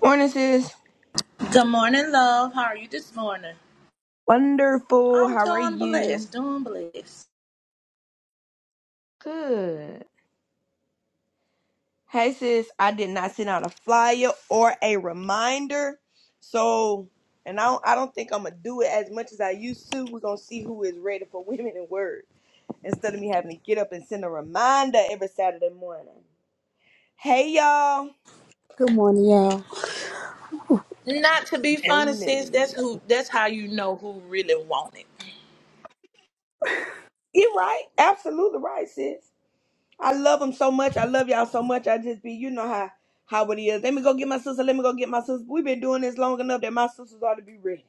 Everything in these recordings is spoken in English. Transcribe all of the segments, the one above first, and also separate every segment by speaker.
Speaker 1: Morning, sis.
Speaker 2: Good morning, love. How are you this morning?
Speaker 1: Wonderful.
Speaker 2: I'm
Speaker 1: How are
Speaker 2: doing
Speaker 1: you?
Speaker 2: blessed, doing blessed.
Speaker 1: Good. Hey, sis. I did not send out a flyer or a reminder. So, and I don't, I don't think I'm going to do it as much as I used to. We're going to see who is ready for Women in Word instead of me having to get up and send a reminder every Saturday morning. Hey, y'all.
Speaker 3: Good morning, y'all.
Speaker 2: Not to be funny, sis. That's
Speaker 1: Morning.
Speaker 2: who. That's how you know who really want it.
Speaker 1: You're right. Absolutely right, sis. I love them so much. I love y'all so much. I just be, you know how how it is. Let me go get my sister. Let me go get my sister. We've been doing this long enough that my sisters ought to be ready.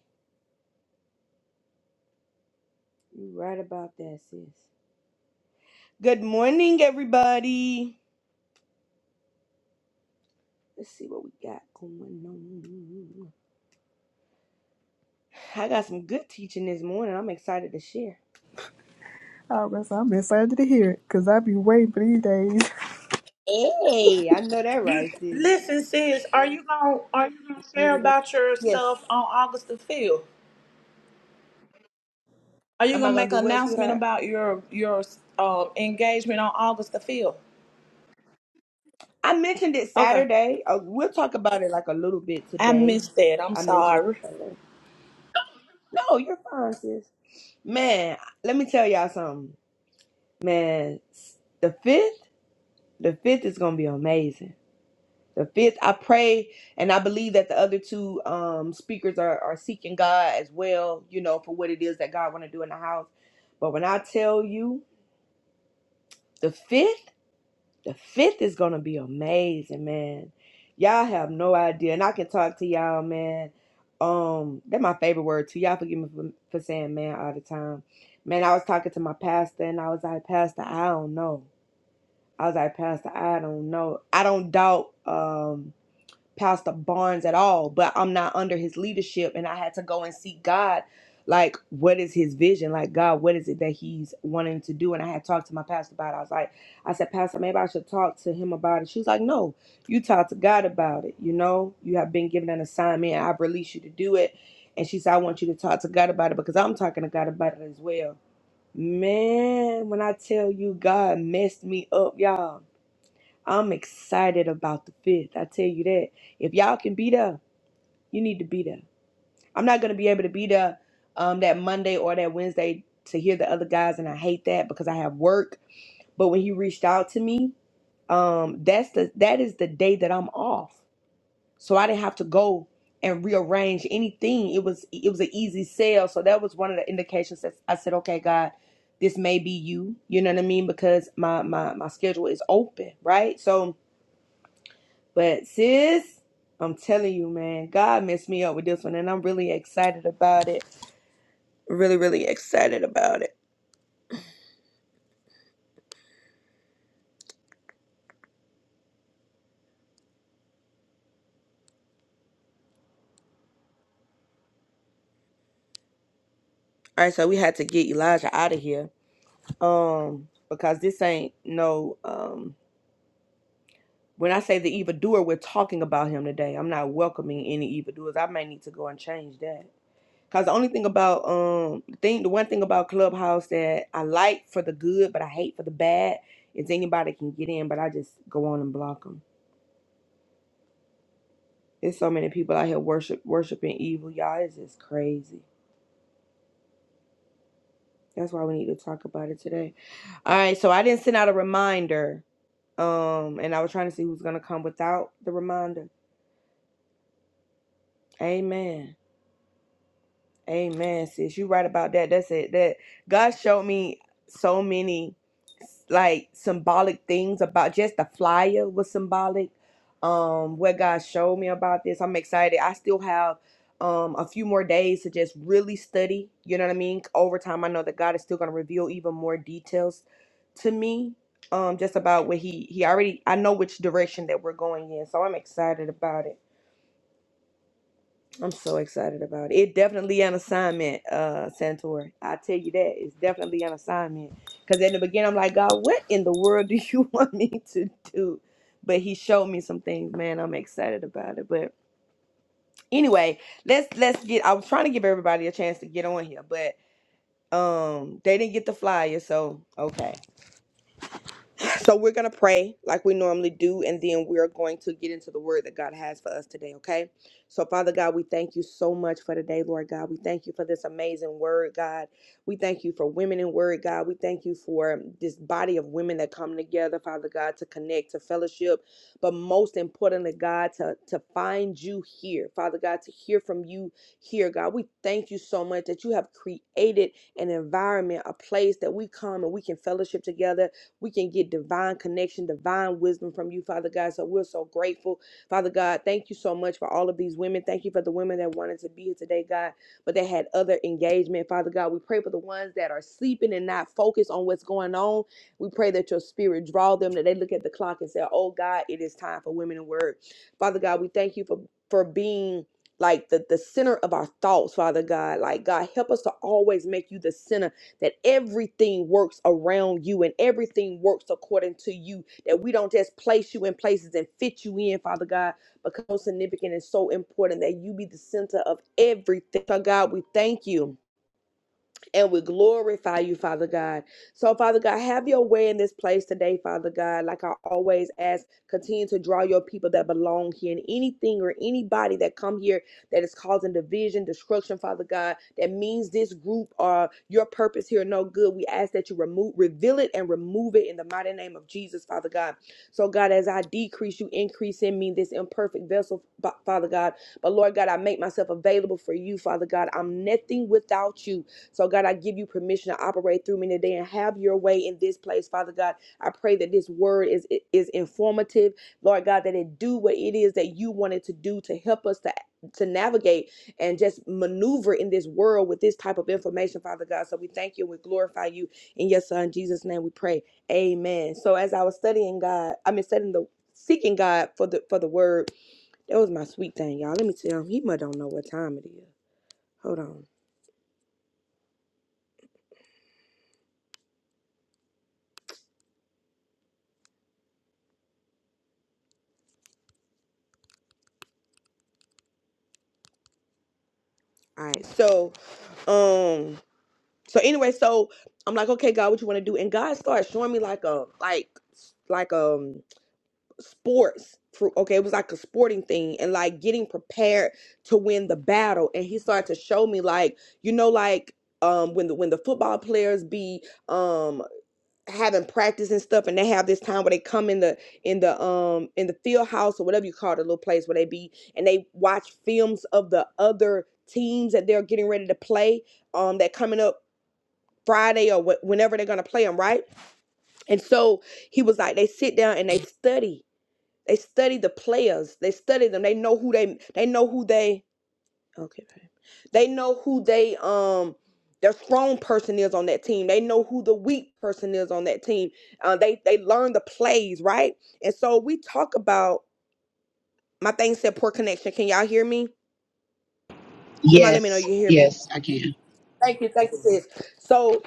Speaker 1: You right about that, sis. Good morning, everybody. Let's see what we got going on. I got some good teaching this morning. I'm excited to share.
Speaker 3: All right, so I'm excited to hear it because I be waiting for these days.
Speaker 1: Hey, I know that right, sis.
Speaker 2: Listen, sis. Are you gonna Are you gonna share
Speaker 1: Later.
Speaker 2: about your
Speaker 1: Yes.
Speaker 2: stuff on August the fifth? Are you
Speaker 1: Am I
Speaker 2: gonna
Speaker 1: gonna
Speaker 2: make
Speaker 1: do
Speaker 2: an
Speaker 1: what,
Speaker 2: announcement
Speaker 1: sweetheart?
Speaker 2: about your your uh, engagement on August the fifth?
Speaker 1: I mentioned it
Speaker 2: Okay,
Speaker 1: Saturday. Uh, we'll talk about it like a little bit
Speaker 2: I
Speaker 1: today.
Speaker 2: missed that. I'm
Speaker 1: I mentioned
Speaker 2: sorry.
Speaker 1: it. Saturday. No, you're fine, sis. Man, let me tell y'all something. Man, s- the fifth, the fifth is gonna be amazing. The fifth, I pray and I believe that the other two um speakers are, are seeking God as well, you know, for what it is that God wanna do in the house. But when I tell you the fifth. The fifth is gonna be amazing, man. Y'all have no idea, and I can talk to y'all, man. Um, that's my favorite word too. Y'all forgive me for, for saying man all the time. Man, I was talking to my pastor, and I was like, Pastor, I don't know. I was like, Pastor, I don't know. I don't doubt. Um, Pastor Barnes at all, but I'm not under his leadership. And I had to go and seek God, like, what is his vision? Like, God, what is it that he's wanting to do? And I had talked to my pastor about it. I was like, I said, Pastor, maybe I should talk to him about it. She was like, No, you talk to God about it. You know, you have been given an assignment. I've released you to do it. And she said, I want you to talk to God about it because I'm talking to God about it as well. Man, when I tell you God messed me up, y'all I'm excited about the fifth. I tell you that. If y'all can be there, you need to be there. I'm not gonna be able to be there um that Monday or that Wednesday to hear the other guys, and I hate that because I have work. But when he reached out to me, um, that's the that is the day that I'm off. So I didn't have to go and rearrange anything. It was it was an easy sale. So that was one of the indications that I said, okay, God, this may be you. You know what I mean? Because my my my schedule is open, right? So But sis, I'm telling you, man, God messed me up with this one, and I'm really excited about it. Really, really excited about it. All right, so we had to get Elijah out of here, um, because this ain't no. Um, when I say the evildoer, we're talking about him today. I'm not welcoming any evildoers. I may need to go and change that. Cause the only thing about um the thing the one thing about Clubhouse that I like for the good but I hate for the bad is anybody can get in but I just go on and block 'em. There's so many people out here worship worshiping evil, y'all. It's just crazy. That's why we need to talk about it today. All right, so I didn't send out a reminder. Um, and I was trying to see who's gonna come without the reminder. Amen. Amen, sis. You right about that. That's it. That God showed me so many like symbolic things about just the flyer was symbolic. Um, what God showed me about this. I'm excited. I still have um a few more days to just really study. You know what I mean? Over time, I know that God is still gonna reveal even more details to me. Um, just about what he he already I know which direction that we're going in. So I'm excited about it. I'm so excited about it. It definitely an assignment, uh, Santor. I tell you that it's definitely an assignment. Cause in the beginning, I'm like, God, what in the world do you want me to do? But He showed me some things, man. I'm excited about it. But anyway, let's let's get. I was trying to give everybody a chance to get on here, but um, they didn't get the flyer, so okay. So we're going to pray like we normally do, and then we're going to get into the word that God has for us today, okay? So, Father God, we thank you so much for today, Lord God. We thank you for this amazing word, God. We thank you for women in word, God. We thank you for this body of women that come together, Father God, to connect, to fellowship, but most importantly, God, to, to find you here, Father God, to hear from you here, God. We thank you so much that you have created an environment, a place that we come and we can fellowship together we can get divine connection, divine wisdom from you, Father God. So we're so grateful. Father God, thank you so much for all of these women. Thank you for the women that wanted to be here today, God, but they had other engagement. Father God, we pray for the ones that are sleeping and not focused on what's going on. We pray that your spirit draw them, that they look at the clock and say, Oh God, it is time for women in word. Father God, we thank you for for being like the, the center of our thoughts, Father God. Like God, help us to always make you the center that everything works around you and everything works according to you. That we don't just place you in places and fit you in, Father God, because so significant and so important that you be the center of everything. Father God, we thank you and we glorify you, Father God. So, Father God, have your way in this place today, Father God. Like I always ask, continue to draw your people that belong here and anything or anybody that come here that is causing division, destruction, Father God, that means this group or your purpose here no good. We ask that you remove, reveal it and remove it in the mighty name of Jesus, Father God. So, God, as I decrease, you increase in me this imperfect vessel, Father God. But Lord God, I make myself available for you, Father God. I'm nothing without you. So, God, I give you permission to operate through me today and have your way in this place, Father God. I pray that this word is is informative, Lord God, that it do what it is that you wanted to do to help us to to navigate and just maneuver in this world with this type of information, Father God. So we thank you and we glorify you in your Son Jesus' name. We pray, Amen. So as I was studying God, I mean studying the seeking God for the for the word, that was my sweet thing, y'all. Let me tell him, he must don't know what time it is. Hold on. All right. So, um, so anyway, so I'm like, okay, God, what you want to do? And God started showing me like a like s- like um sports for okay, it was like a sporting thing and like getting prepared to win the battle. And he started to show me like, you know, like um when the when the football players be um having practice and stuff and they have this time where they come in the in the um in the field house or whatever you call it, the little place where they be and they watch films of the other teams that they're getting ready to play um that coming up Friday or wh- whenever they're gonna play them right and so he was like they sit down and they study they study the players they study them they know who they they know who they Okay, babe. They know who they um their strong person is on that team. They know who the weak person is on that team. Uh, they they learn the plays, right? And so we talk about my thing said poor connection. Can y'all hear me? Somebody let me know
Speaker 4: Yes,
Speaker 1: you hear me.
Speaker 4: yes, I can.
Speaker 1: Thank you, thank you, sis. So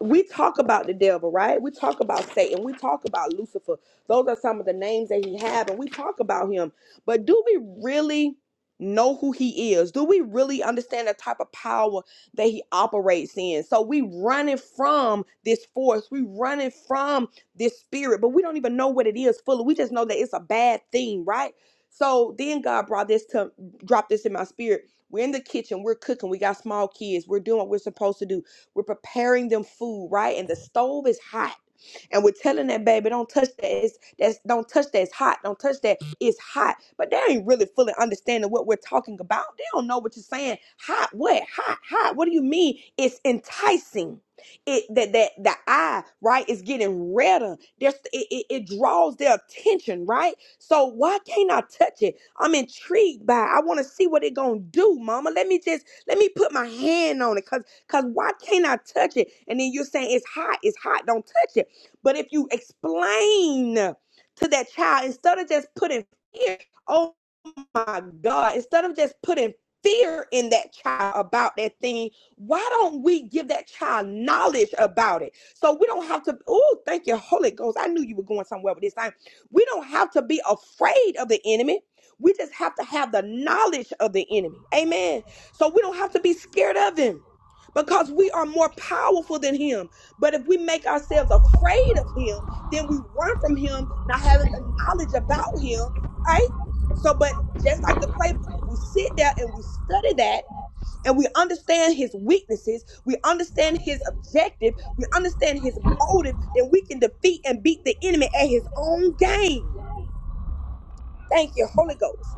Speaker 1: we talk about the devil, right? We talk about Satan. We talk about Lucifer. Those are some of the names that he have, and we talk about him. But do we really know who he is? Do we really understand the type of power that he operates in? So we running from this force. We running from this spirit, but we don't even know what it is fully. We just know that it's a bad thing, right? So then God brought this to drop this in my spirit. We're in the kitchen, we're cooking, we got small kids, we're doing what we're supposed to do we're preparing them food, right? And the stove is hot and we're telling that baby, don't touch that. It's, that's don't touch that. It's hot. Don't touch that. It's hot. But they ain't really fully understanding what we're talking about. They don't know what you're saying. Hot. What? Hot. Hot. What do you mean? It's enticing. It that that the eye right is getting redder. There's it, it, it draws their attention right. So why can't I touch it? I'm intrigued by. It. I want to see what it gonna do, Mama. Let me just let me put my hand on it, cause cause why can't I touch it? And then you're saying it's hot. It's hot. Don't touch it. But if you explain to that child, instead of just putting fear my God, instead of just putting fear in that child about that thing, why don't we give that child knowledge about it? So we don't have to, oh, thank you, Holy Ghost. I knew you were going somewhere with this time. We don't have to be afraid of the enemy. We just have to have the knowledge of the enemy. Amen. So we don't have to be scared of him because we are more powerful than him. But if we make ourselves afraid of him, then we run from him, not having the knowledge about him, right? So, but just like the playbook, if we sit there and we study that and we understand his weaknesses, we understand his objective, we understand his motive, then we can defeat and beat the enemy at his own game. Thank you, Holy Ghost.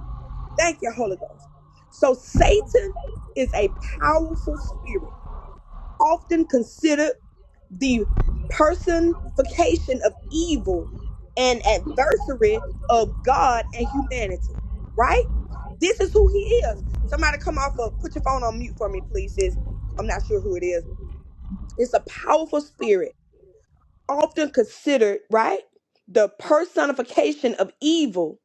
Speaker 1: Thank you, Holy Ghost. So, Satan is a powerful spirit, often considered the personification of evil and adversary of God and humanity, right? This is who he is. Somebody come off of, put your phone on mute for me, please, sis. I'm not sure who it is. It's a powerful spirit, often considered, right? The personification of evil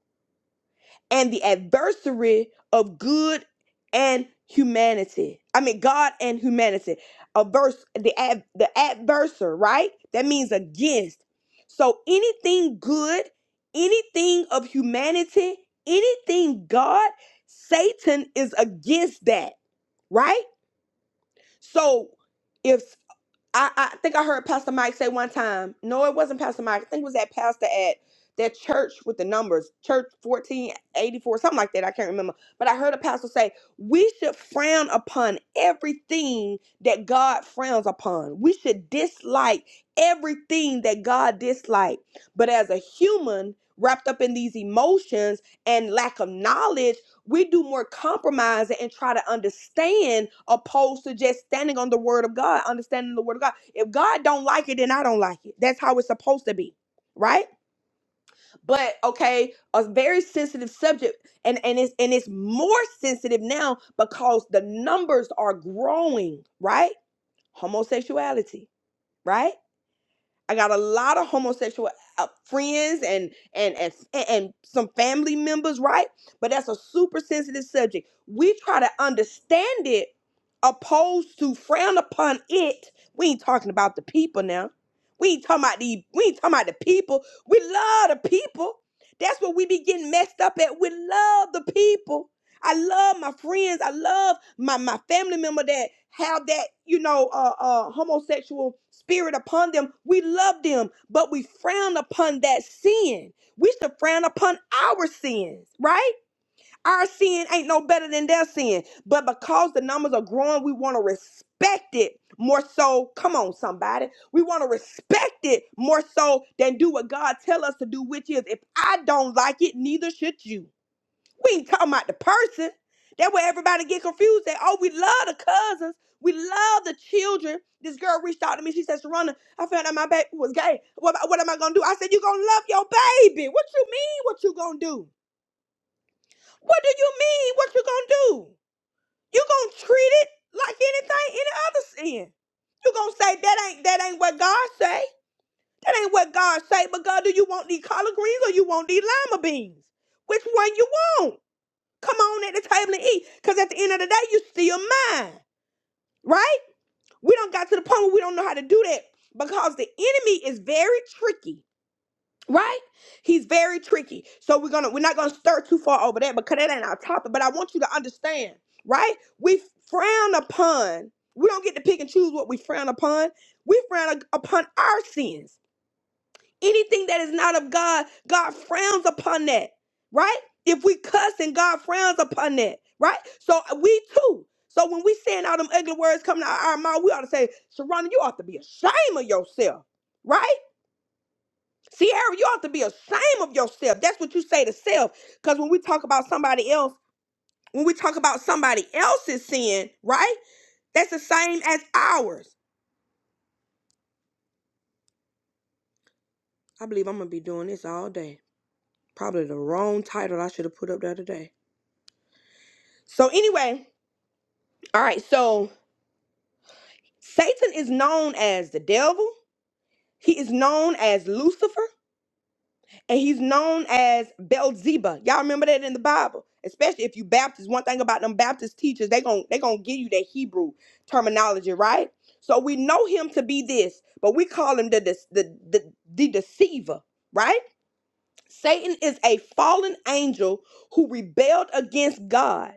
Speaker 1: and the adversary of good and humanity. I mean, God and humanity. Averse the ad, the adversary, right? That means against. So anything good, anything of humanity, anything God, Satan is against that, right? So if I, I think I heard Pastor Mike say one time. No, it wasn't Pastor Mike. I think it was that pastor at that church with the numbers, church fourteen eighty four, something like that. I can't remember. But I heard a pastor say we should frown upon everything that God frowns upon. We should dislike everything that God disliked. But as a human wrapped up in these emotions and lack of knowledge we do more compromising and try to understand opposed to just standing on the word of god understanding the word of god if god don't like it then i don't like it that's how it's supposed to be right but okay a very sensitive subject and and it's and it's more sensitive now because the numbers are growing right homosexuality right I got a lot of homosexual uh, friends and and and and some family members, right? But that's a super sensitive subject. We try to understand it opposed to frown upon it. We ain't talking about the people now. We ain't talking about the we ain't talking about the people. We love the people. That's what we be getting messed up at. We love the people I love my friends. I love my, my family member that have that, you know, uh, uh, homosexual spirit upon them. We love them, but we frown upon that sin. We should frown upon our sins, right? Our sin ain't no better than their sin. But because the numbers are growing, we want to respect it more so. Come on, somebody. We want to respect it more so than do what God tell us to do, which is if I don't like it, neither should you. We ain't talking about the person. That way everybody get confused. That oh, we love the cousins. We love the children. This girl reached out to me. She said, Sharonda, I found out my baby was gay. What, what am I gonna do? I said, You gonna love your baby. What you mean what you gonna do? What do you mean what you gonna do? You gonna treat it like anything, any other sin. You gonna say that ain't that ain't what God say. That ain't what God say, but God, do you want these collard greens or you want these lima beans? Which one you want? Come on at the table and eat. Because at the end of the day, you still mine, right? We don't got to the point where we don't know how to do that because the enemy is very tricky, right? He's very tricky. So we're gonna we're not gonna stir too far over that because that ain't our topic. But I want you to understand, right? We frown upon, we don't get to pick and choose what we frown upon. We frown upon our sins Anything that is not of God, God frowns upon that, right? If we cuss and God frowns upon that, right? So uh, we too. So when we saying all them ugly words coming out of our mouth, we ought to say, Sharonda, you ought to be ashamed of yourself, right? Sierra, you ought to be ashamed of yourself. That's what you say to self. Because when we talk about somebody else, when we talk about somebody else's sin, right? That's the same as ours. I believe I'm gonna be doing this all day. Probably the wrong title I should have put up the other day. So anyway, All right, so Satan is known as the devil. He is known as Lucifer, and he's known as Beelzebub. Y'all remember that in the Bible, especially if you Baptist. One thing about them Baptist teachers, they gon' they gonna give you that Hebrew terminology, right? So we know him to be this, but we call him the the the, the the deceiver, right? Satan is a fallen angel who rebelled against God.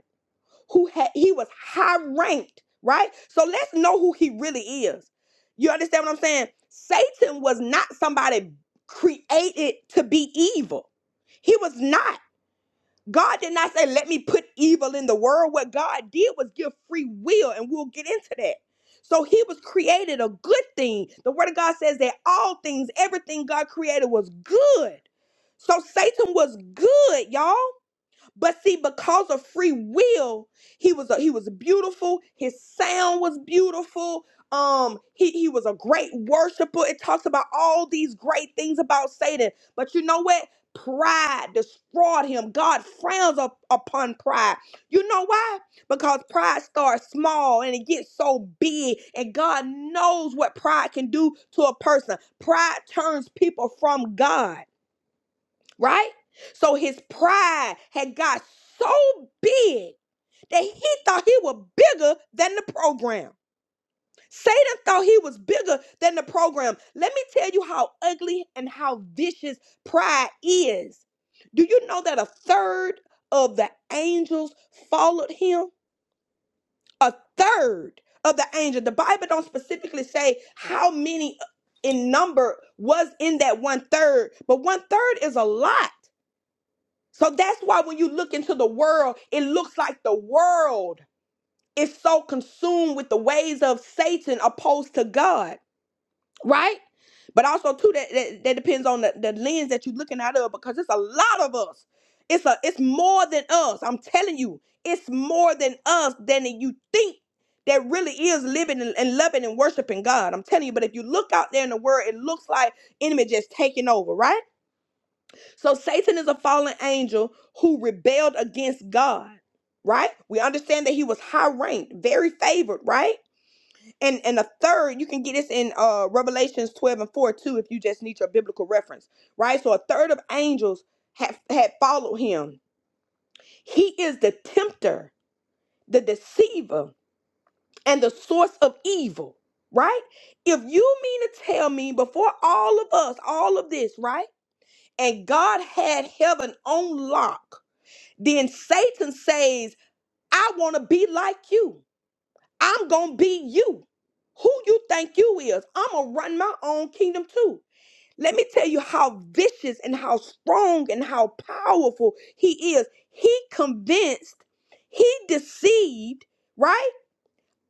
Speaker 1: who had he was high ranked, right? So let's know who he really is. You understand what I'm saying? Satan was not somebody created to be evil. He was not. God did not say, let me put evil in the world. What God did was give free will, and we'll get into that. So he was created a good thing. The word of God says that all things, everything God created was good. So Satan was good, y'all. But see, because of free will, he was a, he was beautiful. His sound was beautiful. Um, he he was a great worshiper. It talks about all these great things about Satan. But you know what? Pride destroyed him. God frowns up upon pride. You know why? Because pride starts small and it gets so big, and God knows what pride can do to a person. Pride turns people from God right? So his pride had got so big that he thought he was bigger than the program. Satan thought he was bigger than the program. Let me tell you how ugly and how vicious pride is. Do you know that a third of the angels followed him? A third of the angels. The Bible don't specifically say how many in number was in that one third, but one third is a lot. So that's why when you look into the world, it looks like the world is so consumed with the ways of Satan opposed to God, right? But also too, that that, that depends on the, the lens that you're looking out of because it's a lot of us. It's a it's more than us. I'm telling you, it's more than us than you think that really is living and, and loving and worshiping God. I'm telling you, but if you look out there in the world, it looks like enemy just taking over, right? So Satan is a fallen angel who rebelled against God, right? We understand that he was high ranked, very favored, right? And and a third, you can get this in uh Revelations 12 and 4 too, if you just need your biblical reference, right? So a third of angels had had followed him. He is the tempter, the deceiver, and the source of evil, right? If you mean to tell me before all of us, all of this, right? And God had heaven on lock Then Satan says, I want to be like you. I'm going to be you. Who you think you is? I'm going to run my own kingdom too. Let me tell you how vicious and how strong and how powerful he is. He convinced, he deceived, right?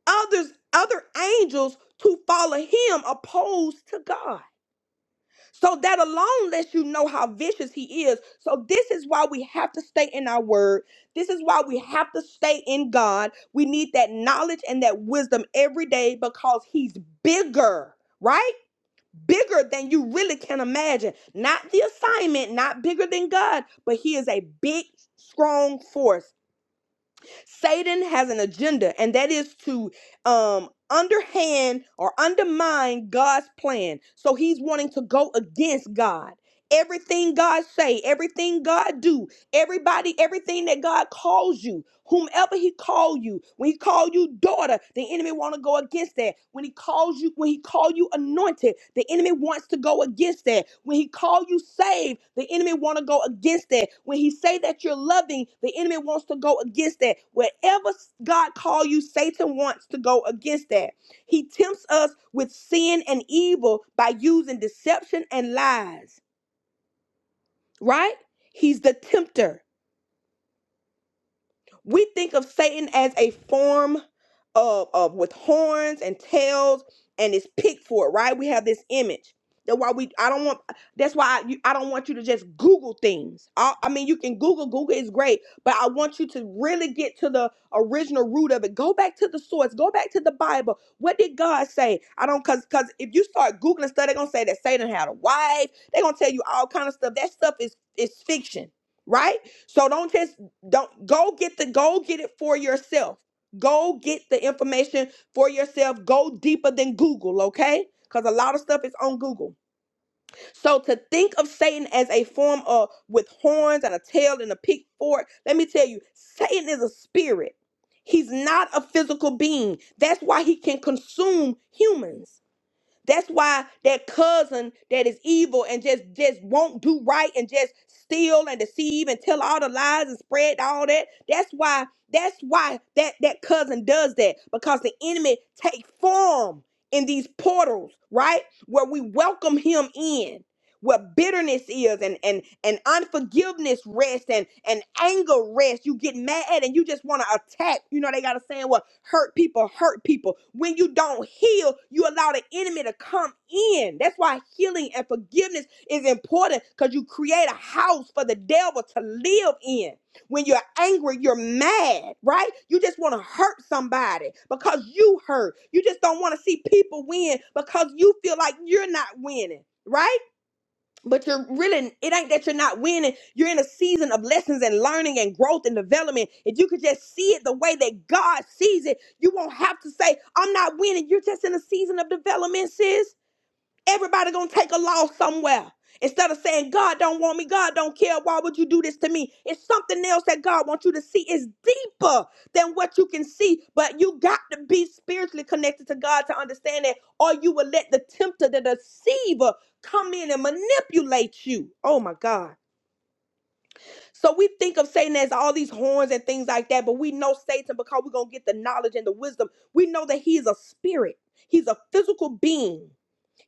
Speaker 1: Others, other angels to follow him opposed to God. So that alone lets you know how vicious he is. So this is why we have to stay in our word. This is why we have to stay in God. We need that knowledge and that wisdom every day because he's bigger, right? Bigger than you really can imagine. Not the assignment, not bigger than God, but he is a big, strong force. Satan has an agenda, and that is to um, underhand or undermine God's plan. So he's wanting to go against God. Everything God say, everything God do, Everybody, everything that God calls you, whomever He called you, when He called you daughter, the enemy want to go against that. When He calls you, when He called you anointed, the enemy wants to go against that. When He called you saved, the enemy want to go against that. When He say that you're loving, the enemy wants to go against that. Wherever God call you, Satan wants to go against that. He tempts us with sin and evil by using deception and lies. Right? He's the tempter. We think of Satan as a form of, of with horns and tails and is picked for it, right? We have this image. That's why we. I don't want. That's why I, you, I don't want you to just Google things. I, I mean, you can Google. Google is great, but I want you to really get to the original root of it. Go back to the source. Go back to the Bible. What did God say? I don't because because if you start googling stuff, they're gonna say that Satan had a wife. They're gonna tell you all kind of stuff. That stuff is is fiction, right? So don't just don't go get the go get it for yourself go get the information for yourself go deeper than google okay because a lot of stuff is on google so to think of satan as a form of with horns and a tail and a pitchfork let me tell you satan is a spirit he's not a physical being that's why he can consume humans that's why that cousin that is evil and just just won't do right and just steal and deceive and tell all the lies and spread all that. That's why that's why that that cousin does that because the enemy takes form in these portals, right? Where we welcome him in where bitterness is and and and unforgiveness rests and and anger rests you get mad and you just want to attack you know they got a saying well hurt people hurt people when you don't heal you allow the enemy to come in that's why healing and forgiveness is important because you create a house for the devil to live in when you're angry, you're mad, right? You just want to hurt somebody because you hurt. You just don't want to see people win because you feel like you're not winning, right? but you're really it ain't that you're not winning you're in a season of lessons and learning and growth and development if you could just see it the way that god sees it you won't have to say i'm not winning you're just in a season of development sis Everybody gonna take a loss somewhere. Instead of saying, God don't want me, God don't care, why would you do this to me? It's something else that God wants you to see. It's deeper than what you can see, but you got to be spiritually connected to God to understand that, or you will let the tempter, the deceiver, come in and manipulate you. Oh my God. So we think of Satan as all these horns and things like that, but we know Satan because we're going to get the knowledge and the wisdom. We know that he is a spirit, he's a physical being.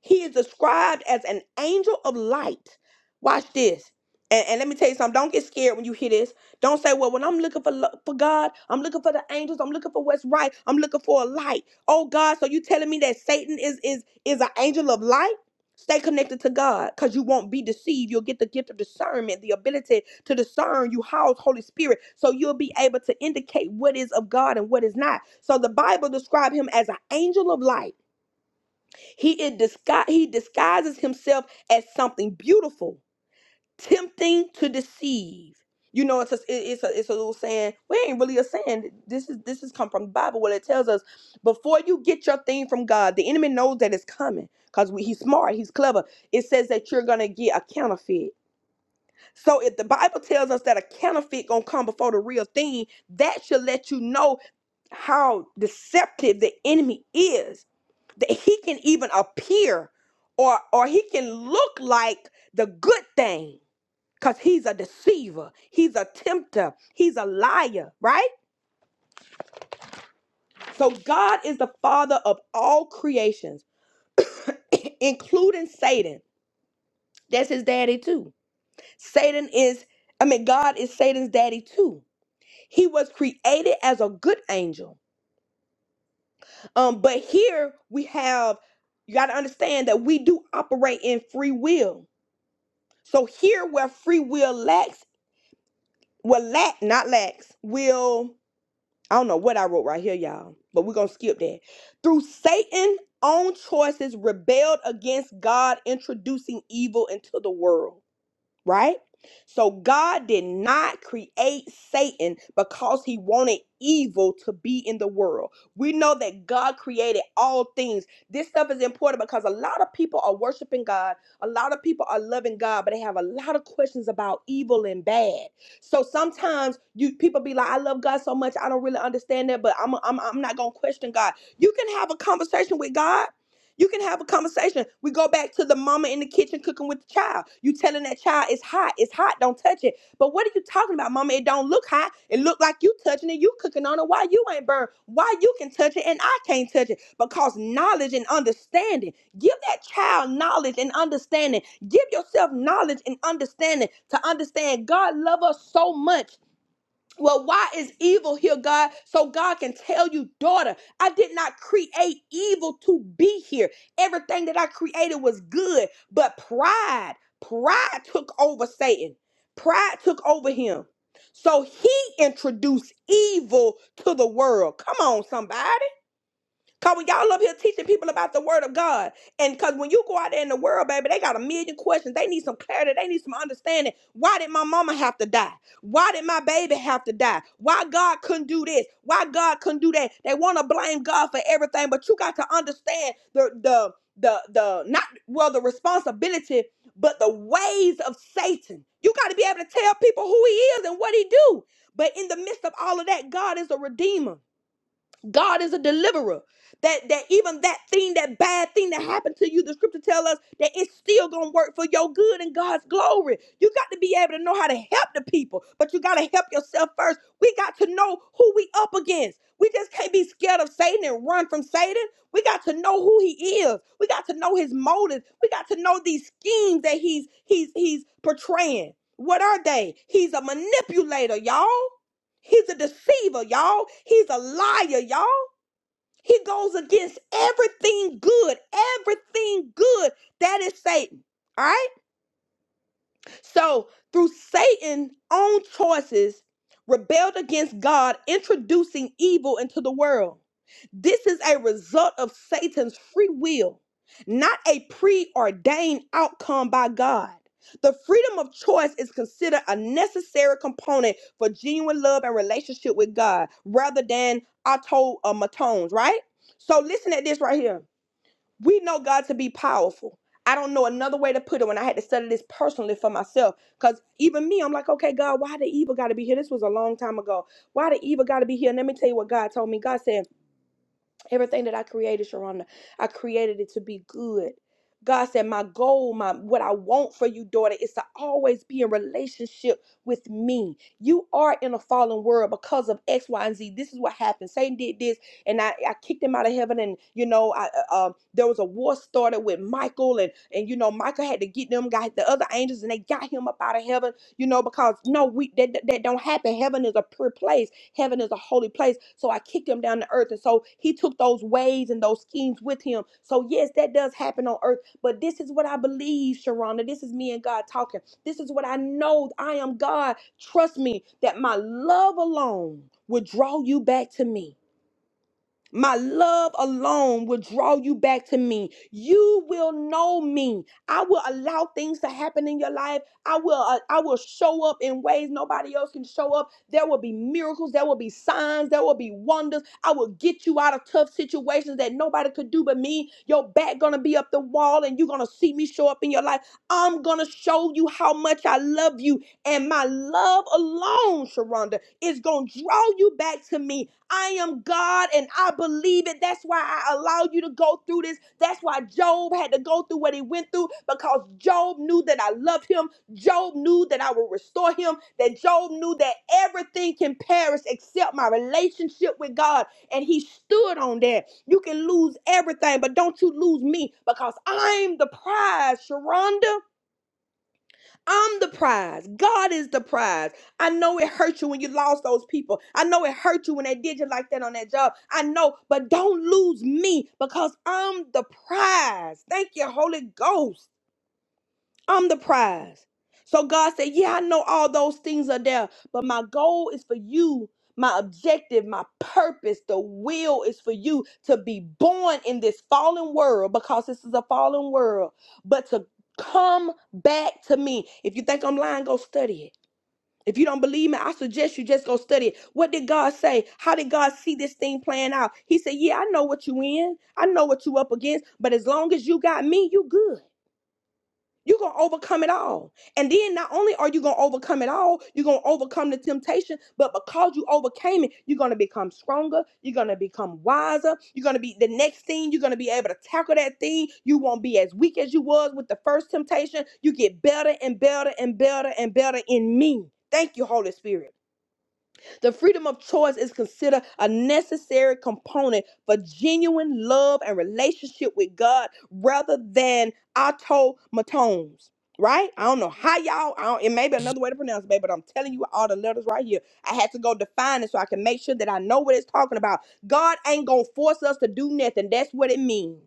Speaker 1: He is described as an angel of light. Watch this. And, and let me tell you something. Don't get scared when you hear this. Don't say, well, when I'm looking for, lo- for God, I'm looking for the angels, I'm looking for what's right, I'm looking for a light. Oh God, so you telling me that Satan is is is an angel of light? Stay connected to God because you won't be deceived. You'll get the gift of discernment, the ability to discern. You house Holy Spirit. So you'll be able to indicate what is of God and what is not. So the Bible describes him as an angel of light. He, is disgu- he disguises himself as something beautiful tempting to deceive. You know, it's a, it- it's a it's a little saying. We ain't really a saying. This is this has come from the Bible. Well, it tells us before you get your thing from God, the enemy knows that it's coming because he's smart, he's clever. It says that you're gonna get a counterfeit. So if the Bible tells us that a counterfeit gonna come before the real thing, that should let you know how deceptive the enemy is. That he can even appear, or or he can look like the good thing because he's a deceiver, he's a tempter, he's a liar, right? So God is the father of all creations, including Satan. That's his daddy too. Satan is, I mean, God is Satan's daddy too. He was created as a good angel. Um, but here we have, you got to understand that we do operate in free will. So here where free will lacks, will lack, not lacks, will I don't know what I wrote right here, y'all, but we're going to skip that. Through Satan's own choices, rebelled against God, introducing evil into the world right? So God did not create Satan because he wanted evil to be in the world. We know that God created all things. This stuff is important because a lot of people are worshiping God, a lot of people are loving God, but they have a lot of questions about evil and bad. So sometimes you people be like, "I love God so much, I don't really understand that, but I'm I'm, I'm not going to question God." You can have a conversation with God you can have a conversation. We go back to the mama in the kitchen cooking with the child. You telling that child it's hot, it's hot, don't touch it. But what are you talking about, mama? It don't look hot. It look like you touching it, you cooking on it. Why you ain't burned? Why you can touch it and I can't touch it? Because knowledge and understanding. Give that child knowledge and understanding. Give yourself knowledge and understanding to understand God love us so much well, why is evil here, God? So God can tell you, daughter, I did not create evil to be here. Everything that I created was good, but pride, pride took over Satan. Pride took over him. So he introduced evil to the world. Come on, somebody. Cause when y'all up here teaching people about the word of God, and cause when you go out there in the world, baby, they got a million questions. They need some clarity. They need some understanding. Why did my mama have to die? Why did my baby have to die? Why God couldn't do this? Why God couldn't do that? They want to blame God for everything, but you got to understand the the the the not well the responsibility, but the ways of Satan. You got to be able to tell people who he is and what he do. But in the midst of all of that, God is a redeemer. God is a deliverer. That that even that thing, that bad thing that happened to you, the scripture tells us that it's still gonna work for your good and God's glory. You got to be able to know how to help the people, but you gotta help yourself first. We got to know who we up against. We just can't be scared of Satan and run from Satan. We got to know who he is. We got to know his motives. We got to know these schemes that he's he's he's portraying. What are they? He's a manipulator, y'all. He's a deceiver, y'all. He's a liar, y'all. He goes against everything good, everything good. That is Satan. All right? So, through Satan's own choices, rebelled against God, introducing evil into the world. This is a result of Satan's free will, not a preordained outcome by God. The freedom of choice is considered a necessary component for genuine love and relationship with God rather than automatones, right? So listen at this right here. We know God to be powerful. I don't know another way to put it when I had to study this personally for myself. Because even me, I'm like, okay, God, why the evil got to be here? This was a long time ago. Why the evil got to be here? And let me tell you what God told me. God said. Everything that I created, Sharonda, I created it to be good. God said, My goal, my what I want for you, daughter, is to always be in relationship with me. You are in a fallen world because of X, Y, and Z. This is what happened. Satan did this, and I, I kicked him out of heaven. And you know, I uh, um, there was a war started with Michael, and and you know, Michael had to get them got the other angels, and they got him up out of heaven. You know, because no, we that that don't happen. Heaven is a pure place Heaven is a holy place. So I kicked him down to earth. And so he took those ways and those schemes with him. So, yes, that does happen on earth. But this is what I believe, Sharonda. This is me and God talking. This is what I know. I am God. Trust me that my love alone will draw you back to me my love alone will draw you back to me. You will know me. I will allow things to happen in your life. I will uh, I will show up in ways nobody else can show up. There will be miracles, there will be signs, there will be wonders. I will get you out of tough situations that nobody could do but me. Your back going to be up the wall and you're going to see me show up in your life. I'm going to show you how much I love you and my love alone, Sharonda, is going to draw you back to me. I am God and I believe it. That's why I allowed you to go through this. That's why Job had to go through what he went through because Job knew that I loved him. Job knew that I would restore him. That Job knew that everything can perish except my relationship with God. And he stood on that. You can lose everything, but don't you lose me because I'm the prize, Sharonda. I'm the prize. God is the prize. I know it hurt you when you lost those people. I know it hurt you when they did you like that on that job. I know, but don't lose me because I'm the prize. Thank you, Holy Ghost. I'm the prize. So God said, Yeah, I know all those things are there, but my goal is for you. My objective, my purpose, the will is for you to be born in this fallen world because this is a fallen world, but to come back to me. If you think I'm lying, go study it. If you don't believe me, I suggest you just go study it. What did God say? How did God see this thing playing out? He said, Yeah, I know what you in. I know what you up against, but as long as you got me, you good. You're going to overcome it all. And then not only are you going to overcome it all, you're going to overcome the temptation, but because you overcame it, you're going to become stronger. You're going to become wiser. You're going to be the next thing. You're going to be able to tackle that thing. You won't be as weak as you was with the first temptation. You get better and better and better and better in me. Thank you, Holy Spirit. The freedom of choice is considered a necessary component for genuine love and relationship with God rather than automatons. Right? I don't know how y'all, I don't, it may be another way to pronounce it, babe, but I'm telling you all the letters right here. I had to go define it so I can make sure that I know what it's talking about. God ain't gonna force us to do nothing. That's what it means.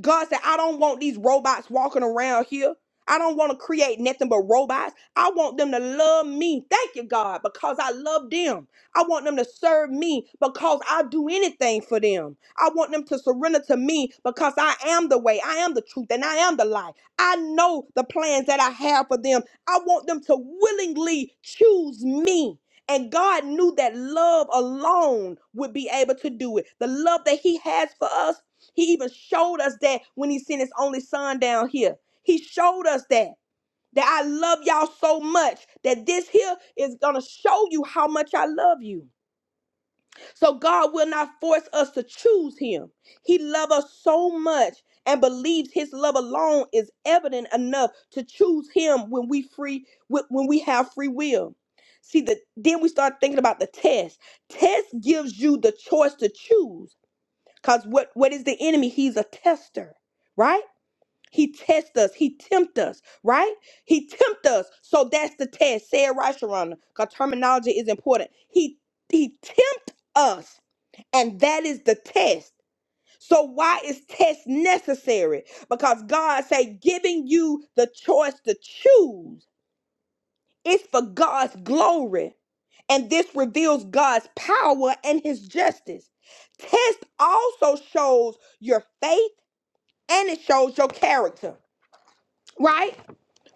Speaker 1: God said, I don't want these robots walking around here. I don't want to create nothing but robots. I want them to love me. Thank you, God, because I love them. I want them to serve me because I do anything for them. I want them to surrender to me because I am the way, I am the truth, and I am the life. I know the plans that I have for them. I want them to willingly choose me. And God knew that love alone would be able to do it. The love that He has for us he even showed us that when he sent his only son down here. He showed us that. That I love y'all so much that this here is gonna show you how much I love you. So God will not force us to choose him. He loves us so much and believes his love alone is evident enough to choose him when we free wh- when we have free will. See the then we start thinking about the test. Test gives you the choice to choose because what, what is the enemy? He's a tester, right? He tests us. He tempt us, right? He tempt us. So that's the test. Say it right, Sharonda, because terminology is important. He he tempt us, and that is the test. So why is test necessary? Because God say giving you the choice to choose is for God's glory, and this reveals God's power and His justice. Test also shows your faith and it shows your character, right?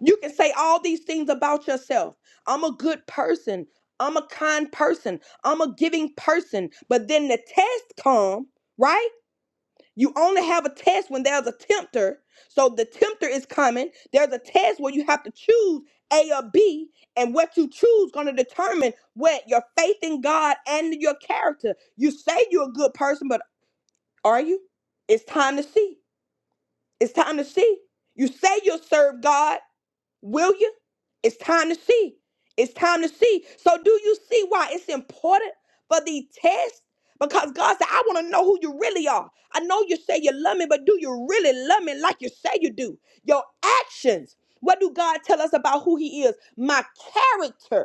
Speaker 1: You can say all these things about yourself. I'm a good person. I'm a kind person. I'm a giving person. But then the test come, right? You only have a test when there's a tempter. So the tempter is coming. There's a test where you have to choose A or B, and what you choose going to determine what your faith in God and your character. You say you're a good person, but are you? It's time to see. It's time to see. You say you'll serve God, will you? It's time to see. It's time to see. So, do you see why it's important for the test? Because God said, I want to know who you really are. I know you say you love me, but do you really love me like you say you do? Your actions. What do God tell us about who He is? My character.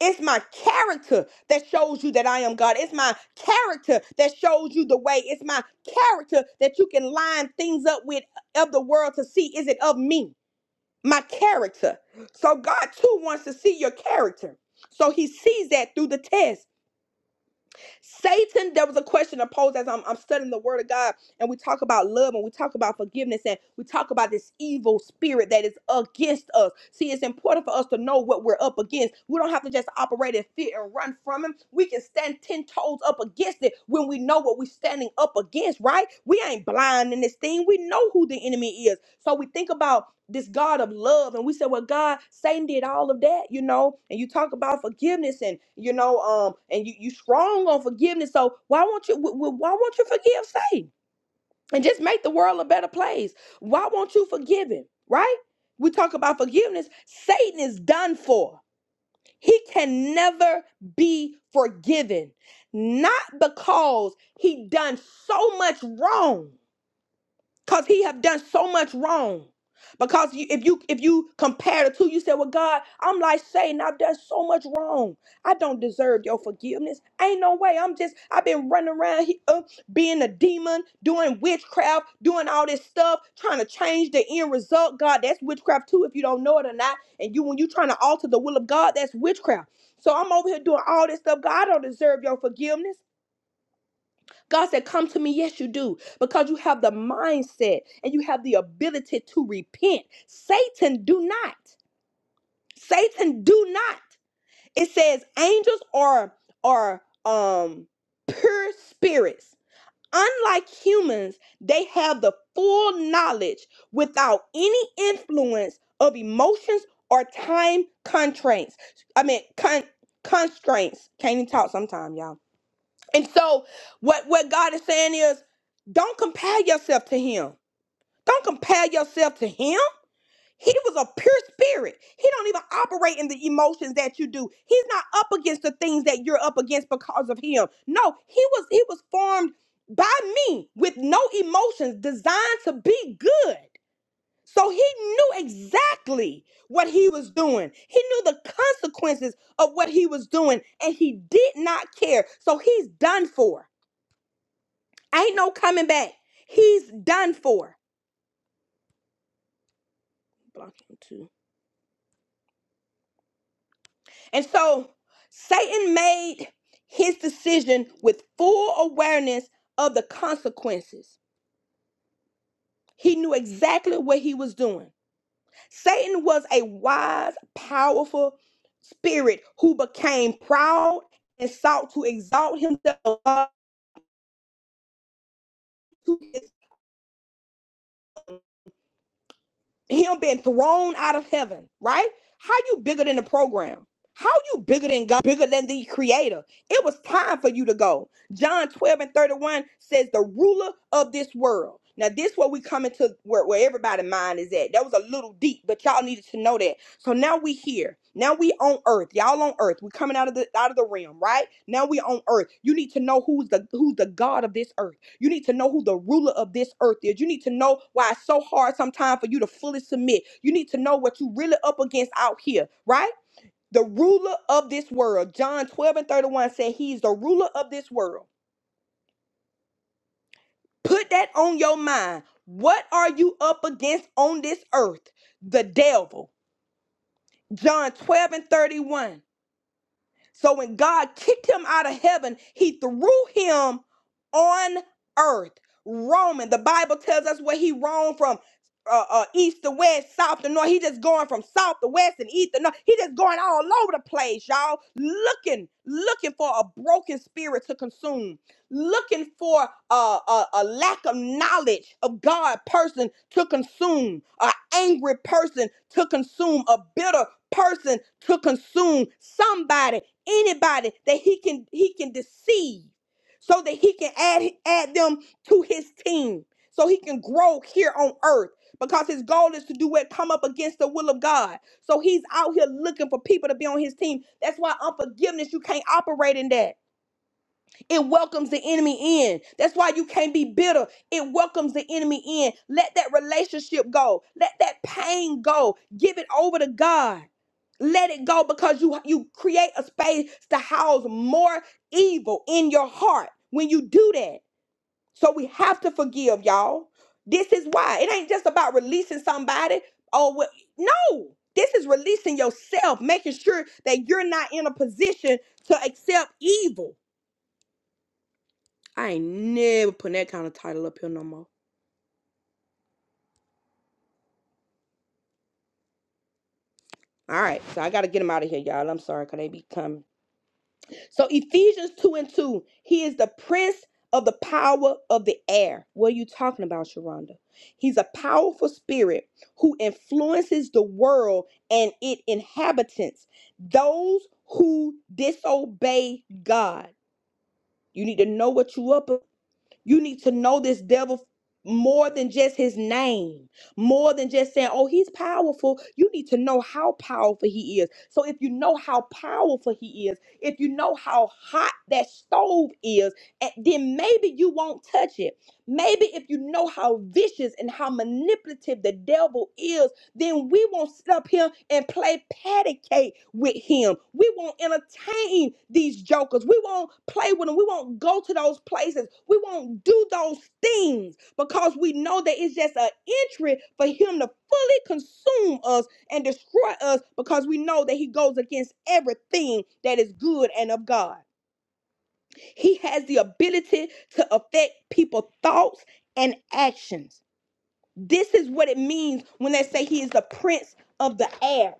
Speaker 1: It's my character that shows you that I am God. It's my character that shows you the way. It's my character that you can line things up with of the world to see is it of me? My character. So God too wants to see your character. So he sees that through the test. Satan, there was a question I posed as I'm, I'm studying the word of God, and we talk about love and we talk about forgiveness and we talk about this evil spirit that is against us. See, it's important for us to know what we're up against. We don't have to just operate in fear and run from him. We can stand 10 toes up against it when we know what we're standing up against, right? We ain't blind in this thing. We know who the enemy is. So we think about this God of love. And we said, well, God, Satan did all of that, you know, and you talk about forgiveness and, you know, um, and you, you strong on forgiveness. So why won't you, w- w- why won't you forgive Satan and just make the world a better place? Why won't you forgive him? Right? We talk about forgiveness. Satan is done for. He can never be forgiven. Not because he done so much wrong because he have done so much wrong because you, if you if you compare the two you say well god i'm like satan i've done so much wrong i don't deserve your forgiveness ain't no way i'm just i've been running around here uh, being a demon doing witchcraft doing all this stuff trying to change the end result god that's witchcraft too if you don't know it or not and you when you trying to alter the will of god that's witchcraft so i'm over here doing all this stuff god i don't deserve your forgiveness God said, Come to me. Yes, you do. Because you have the mindset and you have the ability to repent. Satan, do not. Satan, do not. It says angels are are um pure spirits. Unlike humans, they have the full knowledge without any influence of emotions or time constraints. I mean con- constraints. Can't even talk sometimes, y'all and so what, what God is saying is don't compare yourself to him. Don't compare yourself to him. He was a pure spirit. He don't even operate in the emotions that you do. He's not up against the things that you're up against because of him. No, he was he was formed by me with no emotions, designed to be good. So he knew exactly what he was doing. He knew the consequences of what he was doing and he did not care. So he's done for. Ain't no coming back. He's done for. Block him too. And so Satan made his decision with full awareness of the consequences. He knew exactly what he was doing. Satan was a wise, powerful spirit who became proud and sought to exalt himself above to his him being thrown out of heaven, right? How you bigger than the program? How you bigger than God, bigger than the creator? It was time for you to go. John 12 and 31 says, the ruler of this world. Now, this where we come into where, where everybody's mind is at. That was a little deep, but y'all needed to know that. So now we here. Now we on earth. Y'all on earth. we coming out of the out of the realm, right? Now we on earth. You need to know who's the who's the God of this earth. You need to know who the ruler of this earth is. You need to know why it's so hard sometimes for you to fully submit. You need to know what you really up against out here, right? The ruler of this world. John 12 and 31 said he's the ruler of this world. Put that on your mind. What are you up against on this earth? The devil. John 12 and 31. So when God kicked him out of heaven, he threw him on earth. Roaming. The Bible tells us where he roamed from uh, uh, east to west, south to north. He just going from south to west and east to north. He just going all over the place, y'all. Looking, looking for a broken spirit to consume. Looking for a, a, a lack of knowledge of God person to consume. An angry person to consume. A bitter person to consume. Somebody anybody that he can he can deceive so that he can add add them to his team so he can grow here on earth because his goal is to do what come up against the will of God. So he's out here looking for people to be on his team. That's why unforgiveness you can't operate in that. It welcomes the enemy in. That's why you can't be bitter. It welcomes the enemy in. Let that relationship go. Let that pain go. Give it over to God. Let it go because you you create a space to house more evil in your heart when you do that. So we have to forgive, y'all. This is why it ain't just about releasing somebody. Oh well, no, this is releasing yourself, making sure that you're not in a position to accept evil. I ain't never putting that kind of title up here no more. All right, so I gotta get them out of here, y'all. I'm sorry, cause they be coming. So Ephesians 2 and 2, he is the prince of the power of the air. What are you talking about, Sharonda? He's a powerful spirit who influences the world and its inhabitants, those who disobey God. You need to know what you up. You need to know this devil more than just his name, more than just saying, oh, he's powerful. You need to know how powerful he is. So if you know how powerful he is, if you know how hot that stove is, eh, then maybe you won't touch it. Maybe if you know how vicious and how manipulative the devil is then we won't sit up here and play patty cake with him. We won't entertain these jokers. We won't play with them. We won't go to those places. We won't do those things because we know that it's just an entry for him to fully consume us and destroy us because we know that he goes against everything that is good and of God. He has the ability to affect people's thoughts and actions. This is what it means when they say he is the prince of the air.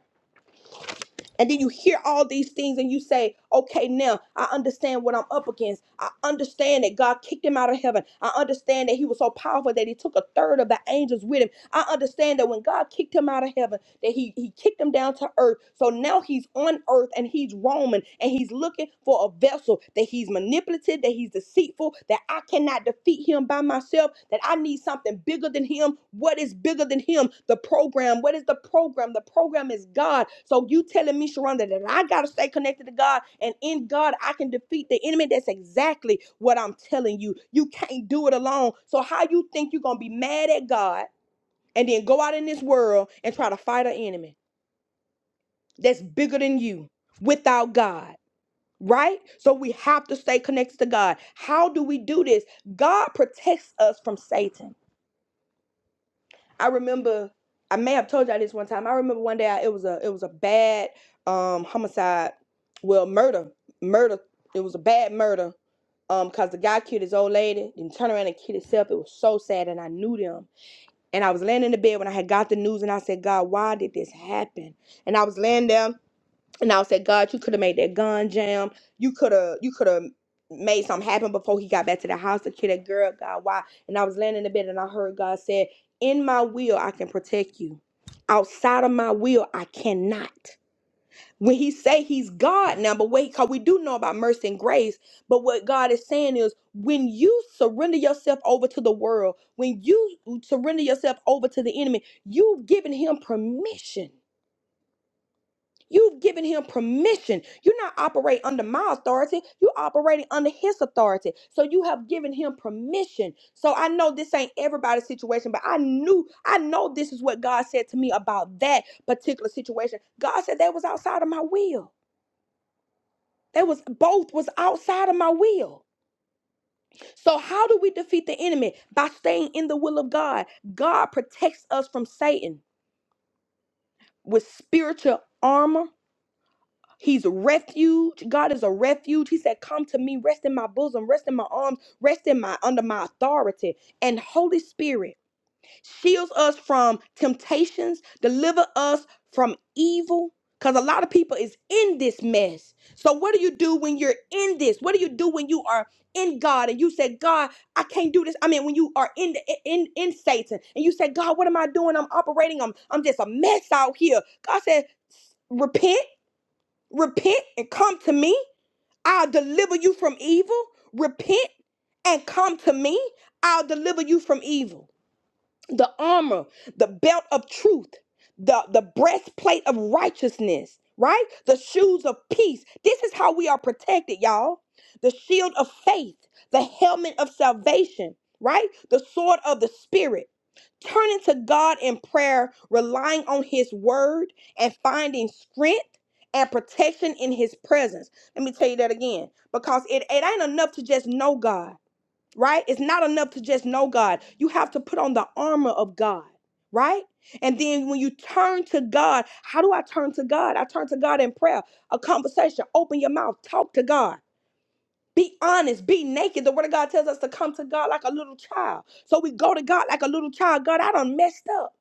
Speaker 1: And then you hear all these things and you say, okay, now I understand what I'm up against. I understand that God kicked him out of heaven. I understand that he was so powerful that he took a third of the angels with him. I understand that when God kicked him out of heaven, that he he kicked him down to earth. So now he's on earth and he's roaming and he's looking for a vessel that he's manipulative, that he's deceitful, that I cannot defeat him by myself, that I need something bigger than him. What is bigger than him? The program. What is the program? The program is God. So you telling me, Sharonda, that I gotta stay connected to God and in God I can defeat the enemy. That's exactly what I'm telling you. You can't do it alone. So how you think you're gonna be mad at God? and then go out in this world and try to fight an enemy that's bigger than you without God, right? So we have to stay connected to God. How do we do this? God protects us from Satan. I remember I may have told y'all this one time. I remember one day I, it was a it was a bad um homicide, well murder, murder. It was a bad murder um because the guy killed his old lady, then turned around and killed himself. It was so sad, and I knew them. And I was laying in the bed when I had got the news and I said, God, why did this happen? And I was laying there and I said, God, you could have made that gun jam. You could have you could have made something happen before he got back to the house to kill that girl, God, why? And I was laying in the bed and I heard God said, In my will I can protect you. Outside of my will, I cannot when he say he's God now, but wait, because we do know about mercy and grace. But what God is saying is when you surrender yourself over to the world, when you surrender yourself over to the enemy, you've given him permission. You've given him permission. You're not operating under my authority. You're operating under his authority. So you have given him permission. So I know this ain't everybody's situation, but I knew, I know this is what God said to me about that particular situation. God said that was outside of my will. They was both was outside of my will. So how do we defeat the enemy? By staying in the will of God. God protects us from Satan with spiritual armor. He's a refuge. God is a refuge. He said, "Come to me, rest in my bosom, rest in my arms, rest in my under my authority." And Holy Spirit shields us from temptations, deliver us from evil. Because a lot of people is in this mess. So what do you do when you're in this? What do you do when you are in God and you say, God, I can't do this? I mean, when you are in the in in Satan and you say, God, what am I doing? I'm operating. I'm I'm just a mess out here. God said, repent, repent, and come to me. I'll deliver you from evil. Repent and come to me. I'll deliver you from evil the armor, the belt of truth, the, the breastplate of righteousness, right? The shoes of peace. This is how we are protected, y'all. The shield of faith, the helmet of salvation, right? The sword of the spirit. Turning to God in prayer, relying on his word and finding strength and protection in his presence. Let me tell you that again because it, it ain't enough to just know God right? It's not enough to just know God. You have to put on the armor of God, right? And then when you turn to God, how do I turn to God? I turn to God in prayer, a conversation. Open your mouth, talk to God. Be honest, be naked. The word of God tells us to come to God like a little child. So we go to God like a little child. God, I done messed up.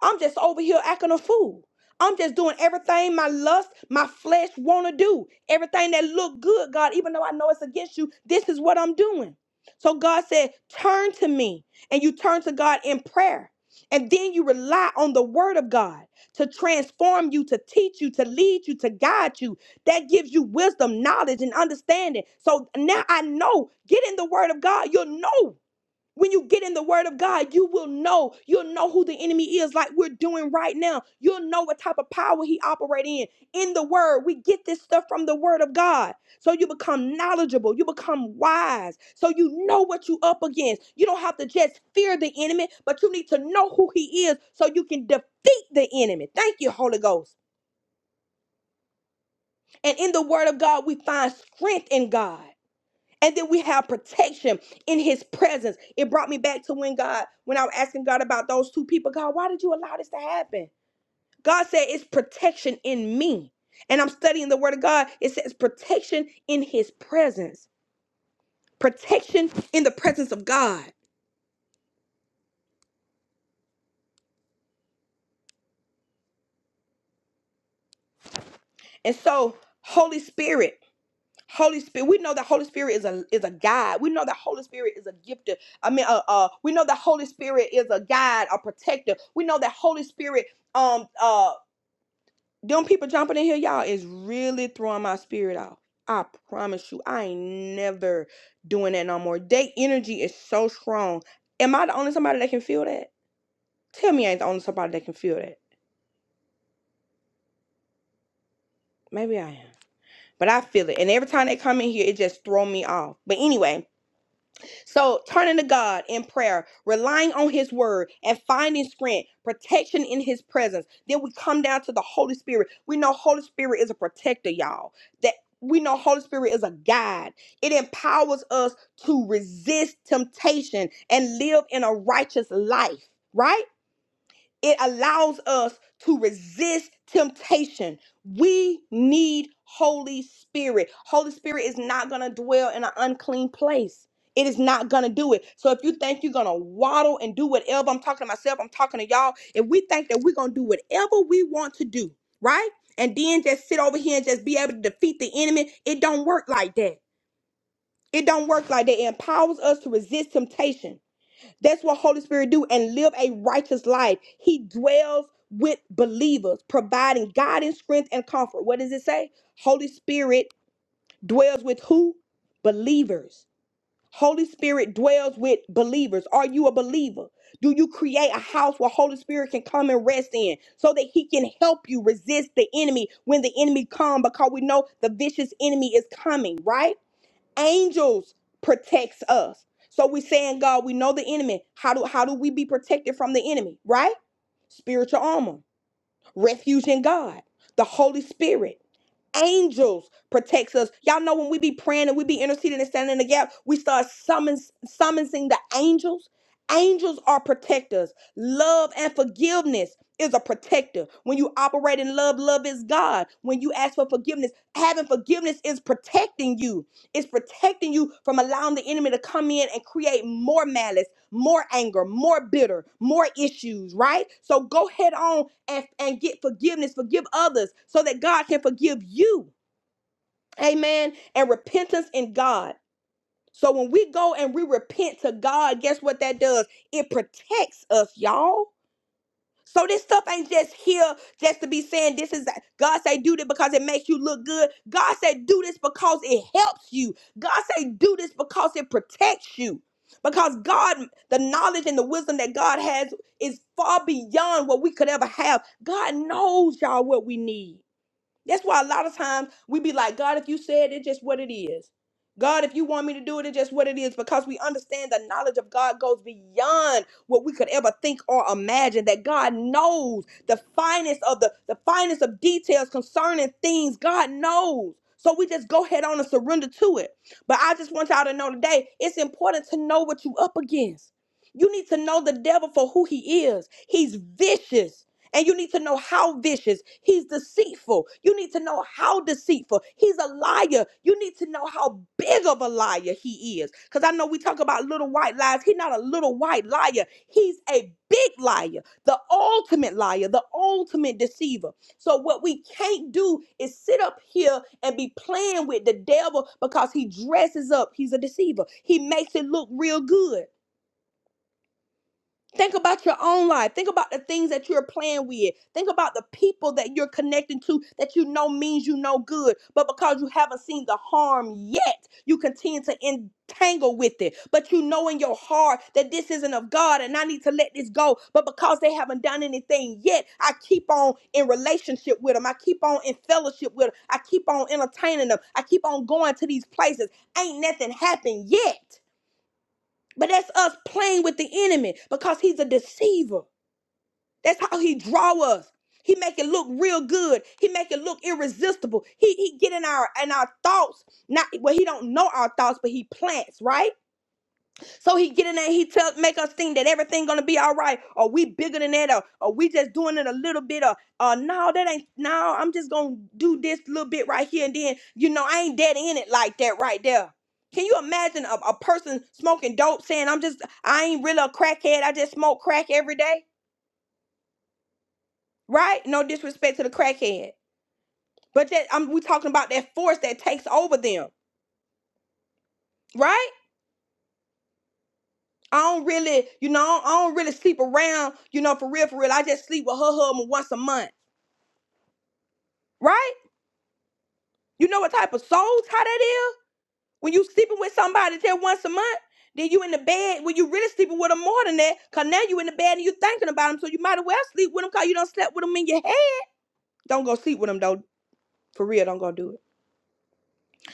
Speaker 1: I'm just over here acting a fool. I'm just doing everything my lust, my flesh want to do. Everything that look good, God, even though I know it's against you, this is what I'm doing. So God said, "Turn to me." And you turn to God in prayer. And then you rely on the word of God to transform you, to teach you, to lead you, to guide you that gives you wisdom, knowledge, and understanding. So now I know. Get in the word of God. You'll know. When you get in the word of God, you will know. You'll know who the enemy is, like we're doing right now. You'll know what type of power he operates in. In the word, we get this stuff from the word of God. So you become knowledgeable, you become wise. So you know what you up against. You don't have to just fear the enemy, but you need to know who he is so you can defeat the enemy. Thank you, Holy Ghost. And in the word of God, we find strength in God. And then we have protection in his presence. It brought me back to when God, when I was asking God about those two people, God, why did you allow this to happen? God said, it's protection in me. And I'm studying the word of God. It says protection in his presence, protection in the presence of God. And so, Holy Spirit. Holy Spirit, we know that Holy Spirit is a is a guide. We know that Holy Spirit is a gifter. I mean, uh, uh, we know that Holy Spirit is a guide, a protector. We know that Holy Spirit, um, uh, them people jumping in here, y'all, is really throwing my spirit off. I promise you, I ain't never doing that no more. They energy is so strong. Am I the only somebody that can feel that? Tell me, I ain't the only somebody that can feel that. Maybe I am, but I feel it. And every time they come in here, it just throw me off. But anyway, So turning to God in prayer, relying on his word and finding strength, protection in his presence. Then we come down to the Holy Spirit. We know Holy Spirit is a protector, y'all. That we know Holy Spirit is a guide. It empowers us to resist temptation and live in a righteous life, right? it allows us to resist temptation. We need Holy Spirit. Holy Spirit is not going to dwell in an unclean place. It is not going to do it. So if you think you're going to waddle and do whatever, I'm talking to myself, I'm talking to y'all, if we think that we're going to do whatever we want to do, right? And then just sit over here and just be able to defeat the enemy, it don't work like that. It don't work like that. It empowers us to resist temptation. That's what Holy Spirit do and live a righteous life. He dwells with believers, providing guidance, strength, and comfort. What does it say? Holy Spirit dwells with who? Believers. Holy Spirit dwells with believers. Are you a believer? Do you create a house where Holy Spirit can come and rest in so that he can help you resist the enemy when the enemy come because we know the vicious enemy is coming, right? angels protects us so we saying god we know the enemy how do how do we be protected from the enemy right spiritual armor refuge in god the holy spirit angels protects us. Y'all know when we be praying and we be interceding and standing in the gap, we start summons summoning the angels. Angels are protectors. Love and forgiveness is a protector. When you operate in love, love is God. When you ask for forgiveness, having forgiveness is protecting you. It's protecting you from allowing the enemy to come in and create more malice more anger, more bitter, more issues, right? So go head on and, and get forgiveness, forgive others so that God can forgive you. Amen. And repentance in God. So when we go and we repent to God, guess what that does? It protects us, y'all. So this stuff ain't just here just to be saying this is God say do this because it makes you look good. God say do this because it helps you. God say do this because it protects you. Because God, the knowledge and the wisdom that God has is far beyond what we could ever have. God knows y'all what we need. That's why a lot of times we be like, God, if you said it, just what it is. God, if you want me to do it, it's just what it is because we understand the knowledge of God goes beyond what we could ever think or imagine. That God knows the finest of the, the finest of details concerning things. God knows. So we just go head on and surrender to it. But I just want y'all to know today, it's important to know what you up against. You need to know the devil for who he is. He's vicious. And you need to know how vicious. He's deceitful. You need to know how deceitful. He's a liar. You need to know how big of a liar he is. Because I know we talk about little white lies. He's not a little white liar. He's a big liar, the ultimate liar, the ultimate deceiver. So what we can't do is sit up here and be playing with the devil because he dresses up. He's a deceiver. He makes it look real good. Think about your own life. Think about the things that you're playing with. Think about the people that you're connecting to that you know means you no good. But because you haven't seen the harm yet, you continue to entangle with it. But you know in your heart that this isn't of God and I need to let this go. But because they haven't done anything yet, I keep on in relationship with them. I keep on in fellowship with them. I keep on entertaining them. I keep on going to these places. Ain't nothing happened yet. But that's us playing with the enemy because he's a deceiver. That's how he draw us. He make it look real good. He make it look irresistible. He he get in our in our thoughts. Not well, he don't know our thoughts, but he plants, right? So he get in there, he tell make us think that everything gonna be all right, or we bigger than that, or, or we just doing it a little bit, or uh no, that ain't no, I'm just gonna do this little bit right here and then, you know, I ain't dead in it like that right there. Can you imagine a, a person smoking dope saying I'm just I ain't really a crackhead, I just smoke crack every day? Right? No disrespect to the crackhead. But that I'm we talking about that force that takes over them, right? I don't really, you know, I don't really sleep around, you know, for real, for real. I just sleep with her husband once a month, right? You know what type of soul tie that is? When you sleeping with somebody just once a month, then you in the bed when you really sleeping with them more than that, cause now you in the bed and you thinking about them, so you might as well sleep with them cause you don't slept with them in your head. Don't go sleep with them though. For real, don't go do it.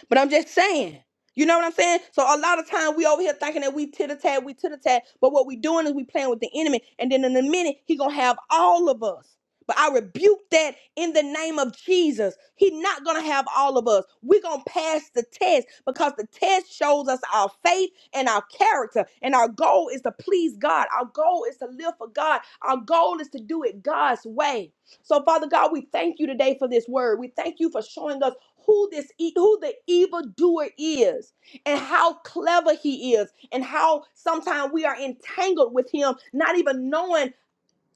Speaker 1: But I'm just saying. You know what I'm saying? So a lot of time we over here thinking that we tit a tat, we tit a tat. But what we doing is we playing with the enemy. And then in a minute, he gonna have all of us. But I rebuke that in the name of Jesus. He not gonna have all of us. we gonna pass the test because the test shows us our faith and our character. And our goal is to please God. Our goal is to live for God. Our goal is to do it God's way. So, Father God, we thank you today for this word. We thank you for showing us who this e- who the evildoer is and how clever he is and how sometimes we are entangled with him not even knowing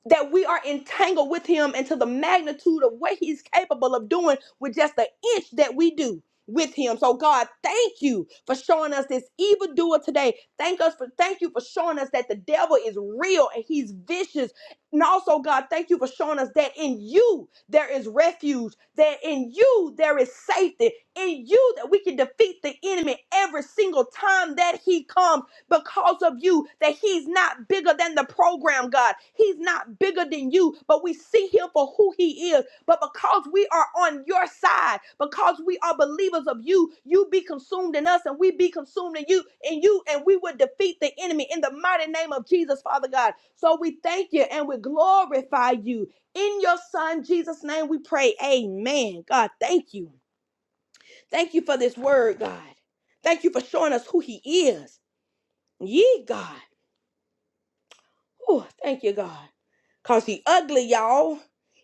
Speaker 1: that we are entangled with him and to the magnitude of what he's capable of doing with just the inch that we do with him. So God, thank you for showing us this evildoer today. Thank us for thank you for showing us that the devil is real and he's vicious. And also, God, thank you for showing us that in you there is refuge, that in you there is safety, in you that we can defeat the enemy every single time that he comes because of you that he's not bigger than the program, God. He's not bigger than you, but we see him for who he is. But because we are on your side, because we are believers of you, you be consumed in us and we be consumed in you in you and we will defeat the enemy in the mighty name of Jesus, Father God. So we thank you and we glorify you. In your son Jesus name we pray. Amen. God, thank you. Thank you for this word, God. Thank you for showing us who he is. Ye God. Oh, thank you, God. Cause he ugly, y'all.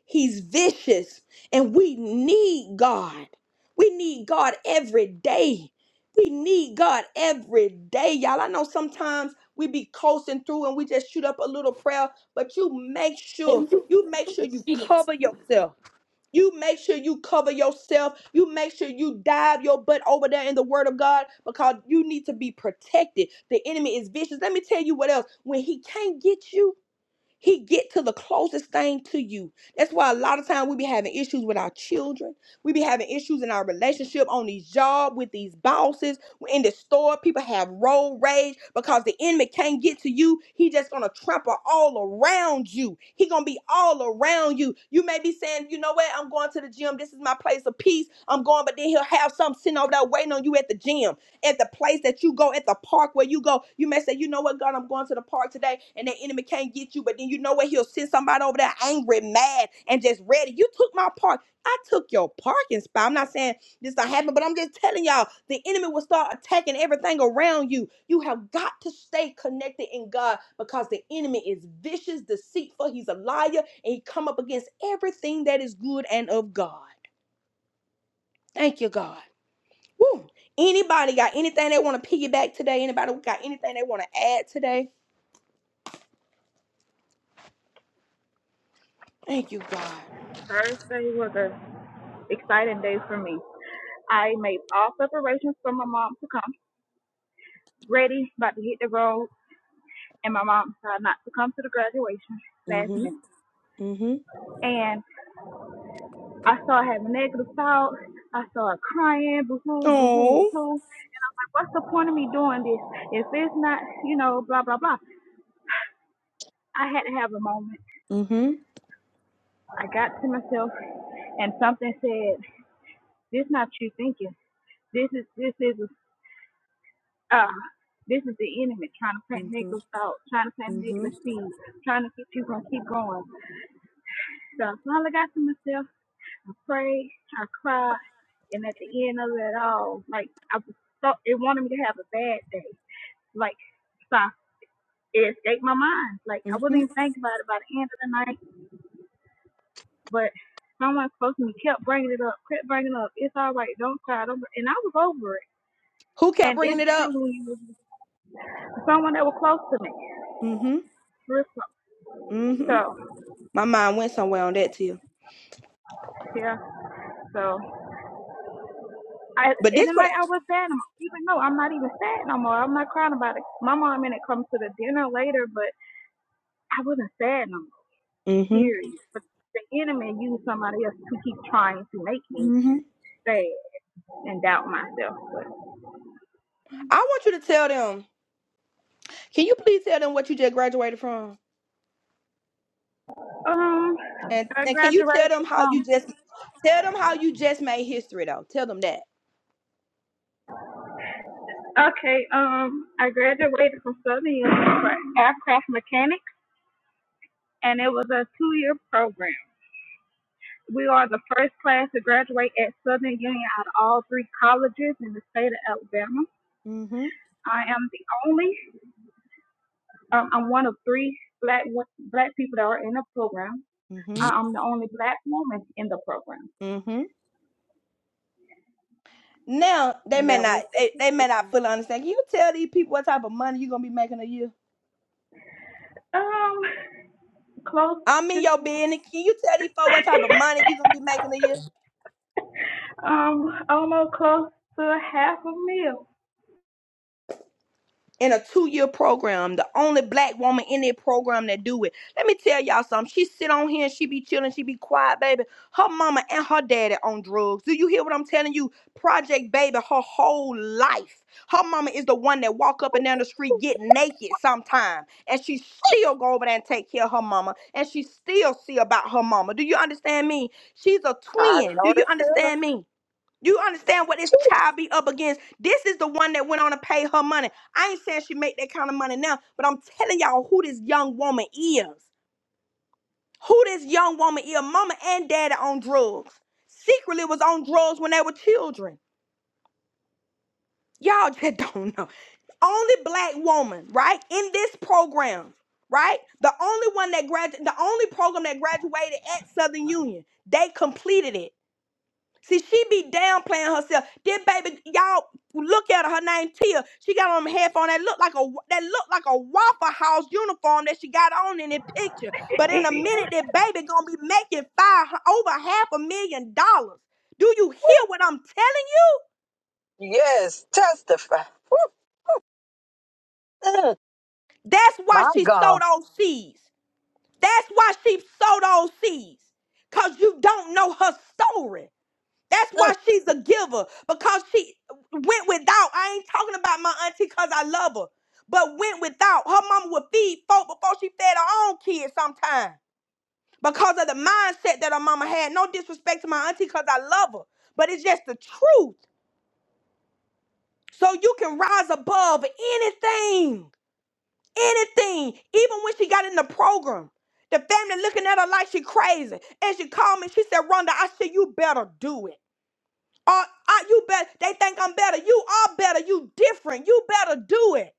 Speaker 1: He's vicious. And we need God. We need God every day. We need God every day, y'all. I know sometimes we be coasting through and we just shoot up a little prayer, but you make sure, you make sure you
Speaker 5: Greetings.
Speaker 1: cover yourself. You make sure you cover yourself. You make sure you dive your butt over there in the word of God because you need to be protected. The enemy is vicious. Let me tell you what else. When he can't get you, he get to the closest thing to you. That's why a lot of time we be having issues with our children. We be having issues in our relationship on these job with these bosses in the store. People have road rage because the enemy can't get to you. He just gonna trample all around you. He gonna be all around you. You may be saying, you know what? I'm going to the gym. This is my place of peace. I'm going, but then he'll have something sitting over there waiting on you at the gym at the place that you go, at the park where you go. You may say, you know what, God, I'm going to the park today, and the enemy can't get you. But then you know what? He'll send somebody over there angry, mad, and just ready. You took my park. I took your parking spot. I'm not saying this not happen, but I'm just telling y'all, the enemy will start attacking everything around you. You have got to stay connected in God because the enemy is vicious, deceitful. He's a liar, and he come up against everything that is good and of God. Thank you, God. Woo. Anybody got anything they want to piggyback today? Anybody got anything they want to add today? Thank you, God.
Speaker 6: Thursday was an exciting day for me. I made all preparations for my mom to come, ready, about to hit the road, and my mom decided not to come to the graduation last minute.
Speaker 1: Mhm. Mhm.
Speaker 6: And I started having negative thoughts. I started crying, boo hoo, boo hoo,
Speaker 1: Oh.
Speaker 6: hoo. What's the point of me doing this if it's not, you know, blah, blah, blah? I had to have a moment.
Speaker 1: Mhm.
Speaker 6: I got to myself, and something said, "This not you thinking. This is this is a Uh, this is the enemy trying to plant
Speaker 1: Mhm.
Speaker 6: negative thoughts, trying to plant negative
Speaker 1: Mhm.
Speaker 6: seeds, trying to keep you going keep going. So all I finally got to myself, I prayed, I cried, and at the end of it all, like I was so it wanted me to have a bad day. Like so it escaped my mind. Like I wasn't even
Speaker 1: Mhm.
Speaker 6: thinking about it by the end of the night, but someone close to me kept bringing it up, kept bringing it up. It's all right, don't cry, don't. And I was over it.
Speaker 1: Who kept
Speaker 6: And
Speaker 1: bringing
Speaker 6: it's
Speaker 1: it
Speaker 6: true
Speaker 1: up?
Speaker 6: when you was someone that was close to me,
Speaker 1: Mm-hmm.
Speaker 6: real close.
Speaker 1: Mm-hmm.
Speaker 6: So
Speaker 1: My mind went somewhere on that too.
Speaker 6: yeah. So I
Speaker 1: But
Speaker 6: in
Speaker 1: this
Speaker 6: the
Speaker 1: what
Speaker 6: night I
Speaker 1: I,
Speaker 6: was sad. Even though I'm not even sad no more. I'm not crying about it. My mom and it comes to the dinner later, but I wasn't sad no more.
Speaker 1: Mhm.
Speaker 6: Period. But the enemy used somebody else to keep trying to make me
Speaker 1: Mhm.
Speaker 6: sad and doubt myself. But
Speaker 1: I want you to tell them. Can you please tell them what you just graduated from?
Speaker 6: um,
Speaker 1: And
Speaker 6: I
Speaker 1: and can you tell
Speaker 6: graduated
Speaker 1: them how you
Speaker 6: from
Speaker 1: just tell them how you just made history though? Tell them that.
Speaker 6: okay. Um, I graduated from Southern University for aircraft mechanics, and it was a two-year program. We are the first class to graduate at Southern Union out of all three colleges in the state of Alabama.
Speaker 1: Mm-hmm.
Speaker 6: I am the only, um, I'm one of three black black people that are in the program.
Speaker 1: Mm-hmm.
Speaker 6: I- I'm the only black woman in the program,
Speaker 1: Mm-hmm. Now they
Speaker 6: and
Speaker 1: may
Speaker 6: that
Speaker 1: not
Speaker 6: was
Speaker 1: they, they may not fully understand. Can you tell these people what type of money you're gonna be making a year?
Speaker 6: um close
Speaker 1: I mean your
Speaker 6: to
Speaker 1: business. Can you tell these folks what type of money you're gonna be making a year?
Speaker 6: um almost close to half a meal.
Speaker 1: in a two-year program, the only black woman in that program that do it. Let me tell y'all something. She sit on here and she be chilling, she be quiet, baby. Her mama and her daddy on drugs. Do you hear what I'm telling you? Project Baby, her whole life. Her mama is the one that walk up and down the street get naked sometime. And she still go over there and take care of her mama. And she still see about her mama. Do you understand me? She's a
Speaker 7: I
Speaker 1: twin. Do
Speaker 7: know
Speaker 1: you
Speaker 7: the feeling.
Speaker 1: understand me? You understand what this child be up against? This is the one that went on to pay her money. I ain't saying she make that kind of money now, but I'm telling y'all who this young woman is. Who this young woman is. Mama and daddy on drugs. Secretly was on drugs when they were children. Y'all just don't know. Only black woman, right? In this program, right? The only one that graduated, the only program that graduated at Southern Union. They completed it. See, she be downplaying herself. Then, baby, y'all look at her. Her name Tia. She got on a headphone that looked like a that looked like a Waffle House uniform that she got on in the picture. But in
Speaker 6: it
Speaker 1: a
Speaker 6: is.
Speaker 1: minute, that baby gonna be making five over half a million dollars. Do you hear what I'm telling you?
Speaker 7: Yes, testify. Woo. Mm,
Speaker 1: That's why
Speaker 7: my
Speaker 1: she
Speaker 7: God.
Speaker 1: sold those seeds. That's why she sold those seeds. Cause you don't know her story. That's why
Speaker 7: Mm,
Speaker 1: she's a giver because she went without. I ain't talking about my auntie because I love her, but went without. Her mama would feed folk before she fed her own kids sometimes because of the mindset that her mama had. No disrespect to my auntie because I love her, but it's just the truth. So you can rise above anything, anything, even when she got in the program. The family looking at her like she crazy. And she called me. She said, Rhonda, I said, you better do it. Or I, you better, they think I'm better. You are better. You different. You better do it.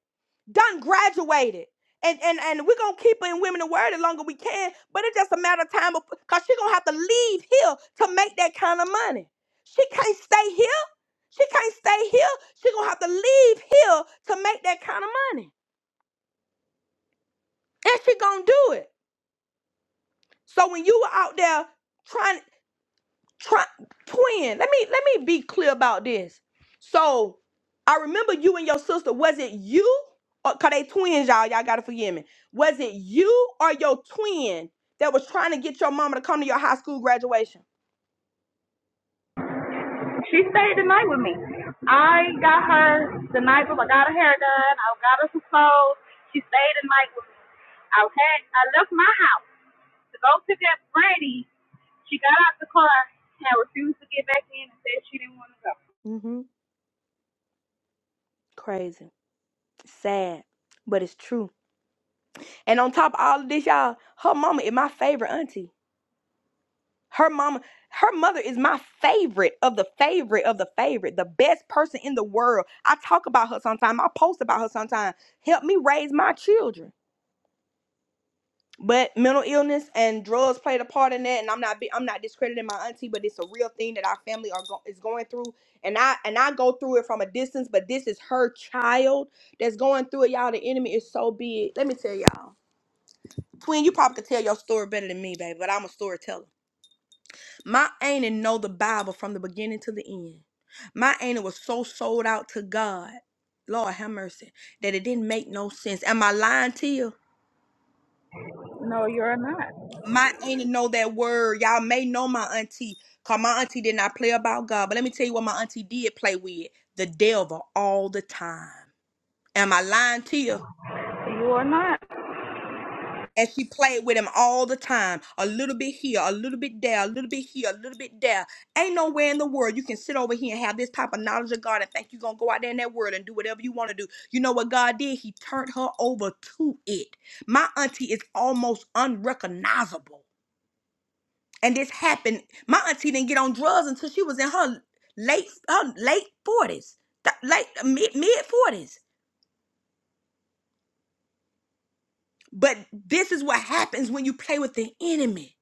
Speaker 1: Done graduated. And and and we're gonna keep her in women the word the longer we can, but it's just a matter of time because she's gonna have to leave here to make that kind of money. She can't stay here. She can't stay here. She's gonna have to leave here to make that kind of money. And she gonna do it. So when you were out there trying Try, twin. Let me let me be clear about this. So I remember you and your sister. Was it you? Or, Cause they twins, y'all. Y'all gotta forgive me. Was it you or your twin that was trying to get your mama to come to your high school graduation?
Speaker 6: She stayed the night with me. I got her the night before. I got her hair done. I got her some clothes. She stayed the night with me. I had I left my house to go pick up Brandy. She got out the car and refused to get back in and said she didn't want to go.
Speaker 1: Mm-hmm. Crazy. Sad. But it's true. And on top of all of this, y'all, her mama is my favorite auntie. Her mama, her mother is my favorite of the favorite of the favorite, the best person in the world. I talk about her sometimes. I post about her sometimes. Help me raise my children. But mental illness and drugs played a part in that, and I'm not be- I'm not discrediting my auntie, but it's a real thing that our family are go- is going through, and I and I go through it from a distance. But this is her child that's going through it, y'all. The enemy is so big. Let me tell y'all, Twin, you probably could tell your story better than me, baby. But I'm a storyteller. My auntie know the Bible from the beginning to the end. My auntie was so sold out to God, Lord have mercy, that it didn't make no sense. Am I lying to you?
Speaker 6: No, you're not.
Speaker 1: My auntie know that word. Y'all may know my auntie, cause my auntie did not play about God. But let me tell you what my auntie did play with: the devil all the time. Am I lying to you?
Speaker 6: You are not.
Speaker 1: And she played with him all the time. A little bit here, a little bit there, a little bit here, a little bit there. Ain't nowhere in the world you can sit over here and have this type of knowledge of God and think you're going to go out there in that world and do whatever you want to do. You know what God did? He turned her over to it. My auntie is almost unrecognizable. And this happened. My auntie didn't get on drugs until she was in her late her late 40s, th- late mid mid 40s. But this is what happens when you play with the enemy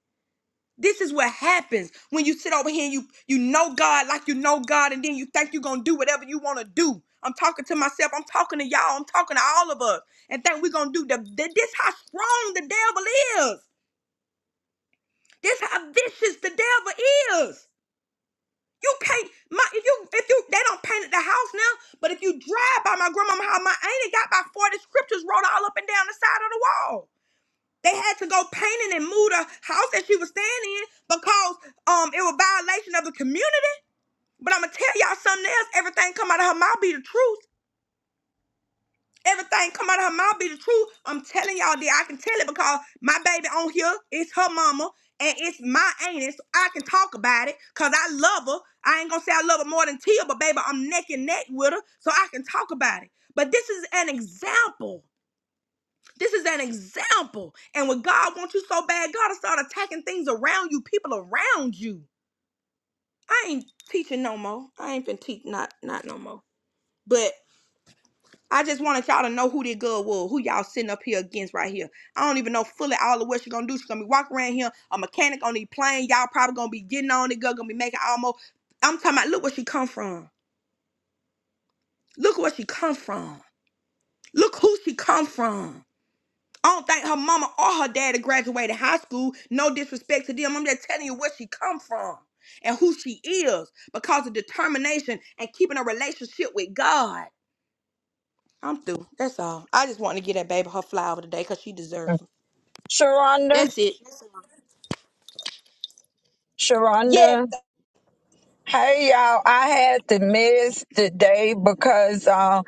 Speaker 1: This is what happens when you sit over here and you you know God like you know God, and then you think you're gonna do whatever you wanna do. I'm talking to myself, I'm talking to y'all, I'm talking to all of us, and think we're gonna do the, the this how strong the devil is. This how vicious the devil is. You can't my if you if you they don't painted the house now, but if you drive by my grandmama house, my auntie got about 40 scriptures wrote all up and down the side of the wall. They had to go painting and move the house that she was staying in because um it was violation of the community But I'm gonna tell y'all something else. Everything come out of her mouth be the truth. Everything come out of her mouth be the truth. I'm telling y'all that I can tell it because my baby on here, it's her mama and it's my auntie. So I can talk about it because I love her. I ain't gonna say I love her more than Tia, but baby, I'm neck and neck with her, so I can talk about it. But this is an example. This is an example. And when God wants you so bad, God will start attacking things around you, people around you. I ain't teaching no more. I ain't been teach not not no more. But I just wanted y'all to know who that girl was, who y'all sitting up here against right here. I don't even know fully all of what she gonna do. She gonna be walking around here, a mechanic on these planes. Y'all probably gonna be getting on the girl, gonna be making almost. I'm talking about, look where she come from. Look where she come from. Look who she come from. I don't think her mama or her daddy graduated high school. No disrespect to them. I'm just telling you where she come from and who she is because of determination and keeping a relationship with God. I'm through. That's all. I just want to get that baby her flower today because she
Speaker 7: mm.
Speaker 1: deserves 'em.
Speaker 7: Sharonda,
Speaker 1: That's it. Yes,
Speaker 7: Sharonda. Hey y'all, I had to miss today because uh,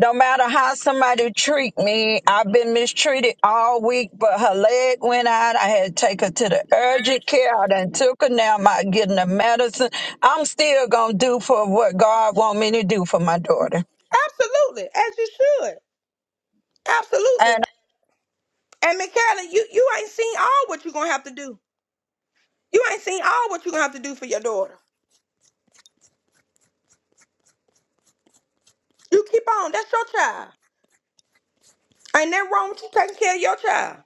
Speaker 7: no matter how somebody treat me, I've been mistreated all week. But her leg went out. I had to take her to the urgent care. I done took her. Now I'm out getting the medicine. I'm still gonna do for what God want me to do for my daughter.
Speaker 1: absolutely. As you should. Absolutely. And Michaela, you, you ain't seen all what you're going to have to do. You ain't seen all what you're going to have to do for your daughter. You keep on. That's your child. Ain't that wrong with you taking care of your child.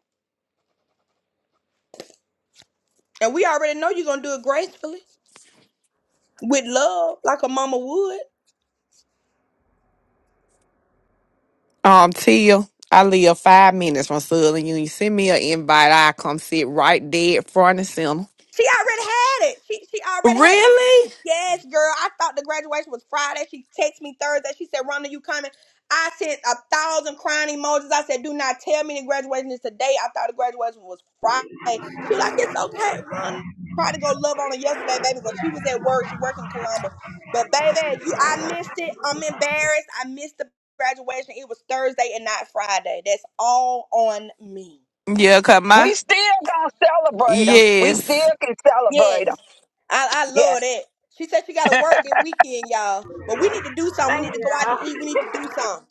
Speaker 1: And we already know you're going to do it gracefully, with love, like a mama would.
Speaker 8: Um, Tia, I live five minutes from Southern Union. Send me an invite. I come sit right there front of center.
Speaker 1: She already had it. She she already had it.
Speaker 8: Really?
Speaker 1: Yes, girl. I thought the graduation was Friday. She texted me Thursday. She said, Rhonda, you coming? I sent a thousand crying emojis. I said, do not tell me the graduation is today. I thought the graduation was Friday. She was like, it's okay, Rhonda. Tried to go love on her yesterday, baby, but she was at work. She worked in Columbus. But baby, you, I missed it. I'm embarrassed. I missed the graduation. It was Thursday and not Friday. That's all on me.
Speaker 8: Yeah, cause my
Speaker 7: We still gonna celebrate him. We
Speaker 8: yes,
Speaker 7: still can celebrate him.
Speaker 1: Yes. I, I love
Speaker 7: Yes.
Speaker 1: that. She said she got to work that weekend, y'all. But we need to do something. We
Speaker 6: Thank
Speaker 1: need
Speaker 6: you.
Speaker 1: to go out to
Speaker 6: Al.
Speaker 1: eat. We need to do something.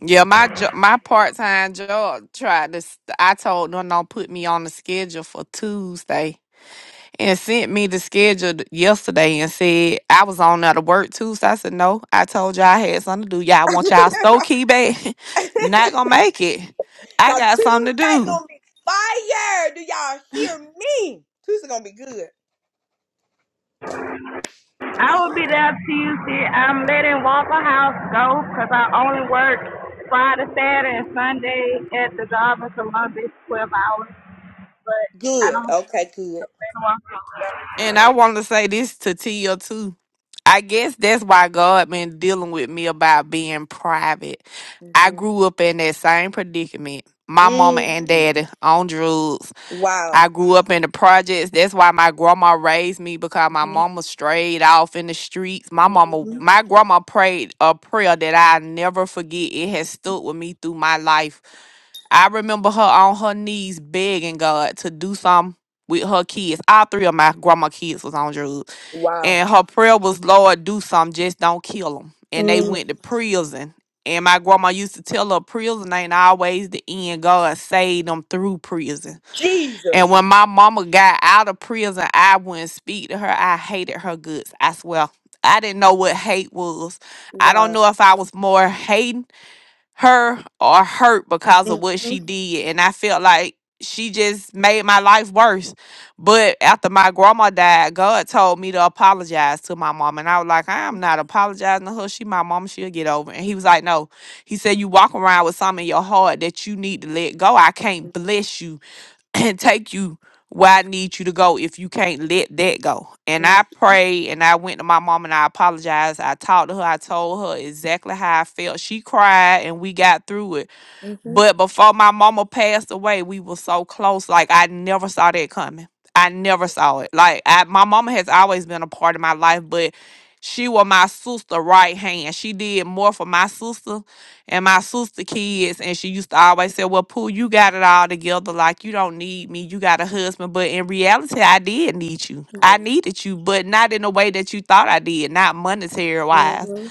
Speaker 8: yeah, my jo- my part time job tried to. s- I told them don't put me on the schedule for Tuesday, and sent me the schedule th- yesterday and said I was on there to work Tuesday. I said no. I told y'all I had something to do. Y'all want y'all store key back? Not gonna make it. I
Speaker 1: Cause
Speaker 8: got something to
Speaker 1: Tuesday
Speaker 8: do.
Speaker 1: gonna be fire. Do y'all hear me? Tuesday gonna be good.
Speaker 6: I will be there Tuesday. I'm letting Waffle House go because I only work Friday, Saturday, and Sunday at the job in Columbus, 12 hours. But I
Speaker 1: Good.
Speaker 6: don't
Speaker 1: Okay. Good.
Speaker 6: plan on Waffle House.
Speaker 8: And I want to say this to Tia too. I guess that's why God been dealing with me about being private. I
Speaker 1: hmm
Speaker 8: grew up in that same predicament. My mama and
Speaker 1: mm
Speaker 8: daddy on drugs.
Speaker 1: Wow.
Speaker 8: I grew up in the projects. That's why my grandma raised me because my
Speaker 1: hmm
Speaker 8: mama strayed off in the streets. My mama,
Speaker 1: hmm
Speaker 8: my grandma prayed a prayer that I never forget. It has stood with me through my life. I remember her on her knees begging God to do something with her kids. All three of my grandma kids was on drugs,
Speaker 1: Wow.
Speaker 8: and her prayer was, "Lord, do something. Just don't kill them." And they
Speaker 1: Mm.
Speaker 8: went to prison. And my grandma used to tell her, "Prison ain't always the end. God saved them through prison."
Speaker 1: Jesus.
Speaker 8: And when my mama got out of prison, I wouldn't speak to her. I hated her guts. I swear. I didn't know what hate was. I don't
Speaker 1: Wow.
Speaker 8: know if I was more hating her or hurt because of what
Speaker 1: Mm-hmm.
Speaker 8: she did. And I felt like she just made my life worse. But after my grandma died, God told me to apologize to my mom. And I was like, I am not apologizing to her. She my mom. She'll get over it. And he was like, No. He said, You walk around with something in your heart that you need to let go. I can't bless you and take you where I need you to go if you can't let that go. And I pray and I went to my mom and I apologized. I talked to her. I told her exactly how I felt. She cried and we got through it
Speaker 1: Mm-hmm.
Speaker 8: but before my mama passed away, we were so close. Like I never saw that coming. I never saw it. Like I, my mama has always been a part of my life, but she was my sister right hand. She did more for my sister and my sister kids. And she used to always say, Well, Pooh, you got it all together. Like you don't need me. You got a husband. But in reality, I did need you. I needed you, but not in the way that you thought I did, not monetary wise
Speaker 1: Mm-hmm.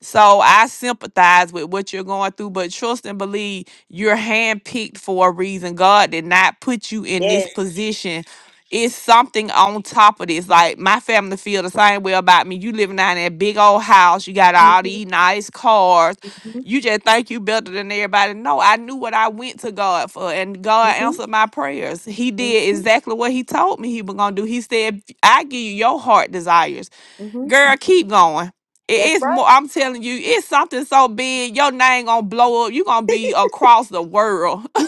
Speaker 8: so I sympathize with what you're going through, but trust and believe you're handpicked for a reason. God did not put you in this
Speaker 1: Yes.
Speaker 8: position. It's something on top of this. Like my family feel the same way about me. You living down in that big old house. You got all
Speaker 1: Mm-hmm.
Speaker 8: these nice cars.
Speaker 1: Mm-hmm.
Speaker 8: You just think you better than everybody. No, I knew what I went to God for, and God
Speaker 1: Mm-hmm.
Speaker 8: answered my prayers. He did exactly what He told me He was gonna do. He said, "I give you your heart desires."
Speaker 1: Mm-hmm.
Speaker 8: Girl, keep going. It
Speaker 1: That's
Speaker 8: is
Speaker 1: right.
Speaker 8: more. I'm telling you, it's something so big. Your name gonna blow up. You gonna be across the world.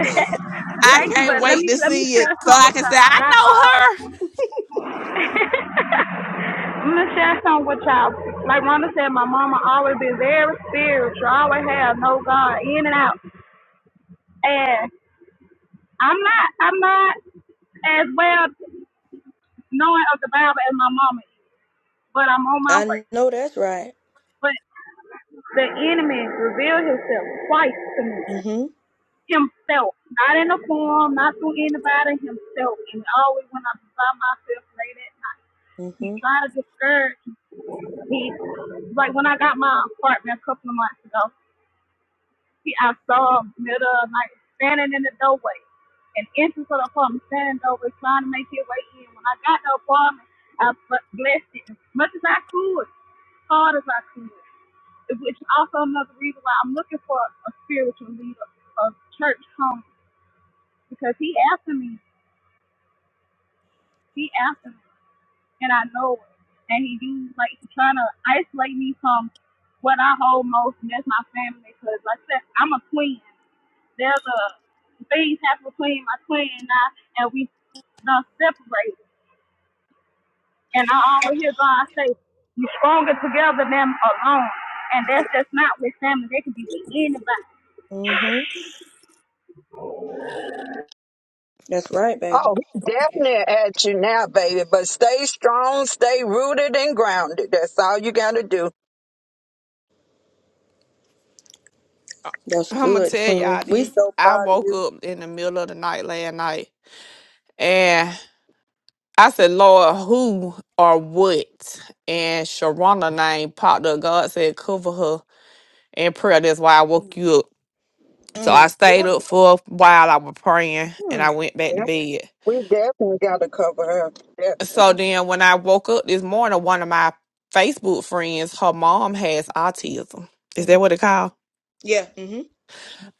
Speaker 8: I
Speaker 6: Thank you,
Speaker 8: can't
Speaker 6: but let
Speaker 8: wait
Speaker 6: me
Speaker 8: to
Speaker 6: let me
Speaker 8: see
Speaker 6: share
Speaker 8: it, so
Speaker 6: some
Speaker 8: I
Speaker 6: with
Speaker 8: can
Speaker 6: y'all.
Speaker 8: say I
Speaker 6: I, um, I'm gonna share some with y'all. Like Rhonda said, my mama always been very spiritual. Always have no God in and out, and I'm not I'm not as well. knowing of the Bible as my mama is, but I'm on my way.
Speaker 1: I know that's right.
Speaker 6: But the enemy revealed himself twice to me.
Speaker 1: Mhm.
Speaker 6: Himself. Not in a form, not through anybody, himself. And always when I'm by myself late at night. He
Speaker 1: Mhm.
Speaker 6: tried to discourage me. He like when I got my apartment a couple of months ago, He, I saw him middle of the night standing in the doorway, an entrance of the apartment, standing in the doorway, trying to make his way in. When I got the apartment, I bu- blessed it as much as I could, hard as I could. Which is also another reason why I'm looking for a spiritual leader, a church home, because he after me, he after me, and I know it. And he do like trying to isolate me from what I hold most, and that's my family. Because like I said, I'm a queen. There's a things happen between my twin and I, and we done separated. And I always hear God say, "You're stronger together than alone." And that's just not with family. That could be with anybody.
Speaker 1: Mhm. That's right, baby.
Speaker 7: Oh, he's definitely at you now, baby. But stay strong, stay rooted and grounded. That's all you gotta do.
Speaker 1: That's
Speaker 8: know her. I'm gonna
Speaker 1: good,
Speaker 8: tell
Speaker 1: twin.
Speaker 8: y'all
Speaker 1: We
Speaker 8: this.
Speaker 1: so
Speaker 8: I
Speaker 1: proud of
Speaker 8: woke
Speaker 1: you.
Speaker 8: up in the middle of the night last night, and I said, Lord, who or what? And Sharona name popped up. God said, cover her in prayer. That's why I woke you up. So I
Speaker 1: Mm.
Speaker 7: Yeah,
Speaker 8: stayed up for a while. I was praying and
Speaker 1: Mm.
Speaker 8: I went back to
Speaker 7: yeah.
Speaker 8: bed.
Speaker 7: We definitely gotta cover her. Definitely.
Speaker 8: So then when I woke up this morning, one of my Facebook friends, her mom has autism. Is that
Speaker 1: Mhm.
Speaker 8: what it called?
Speaker 1: Yeah. Mhm.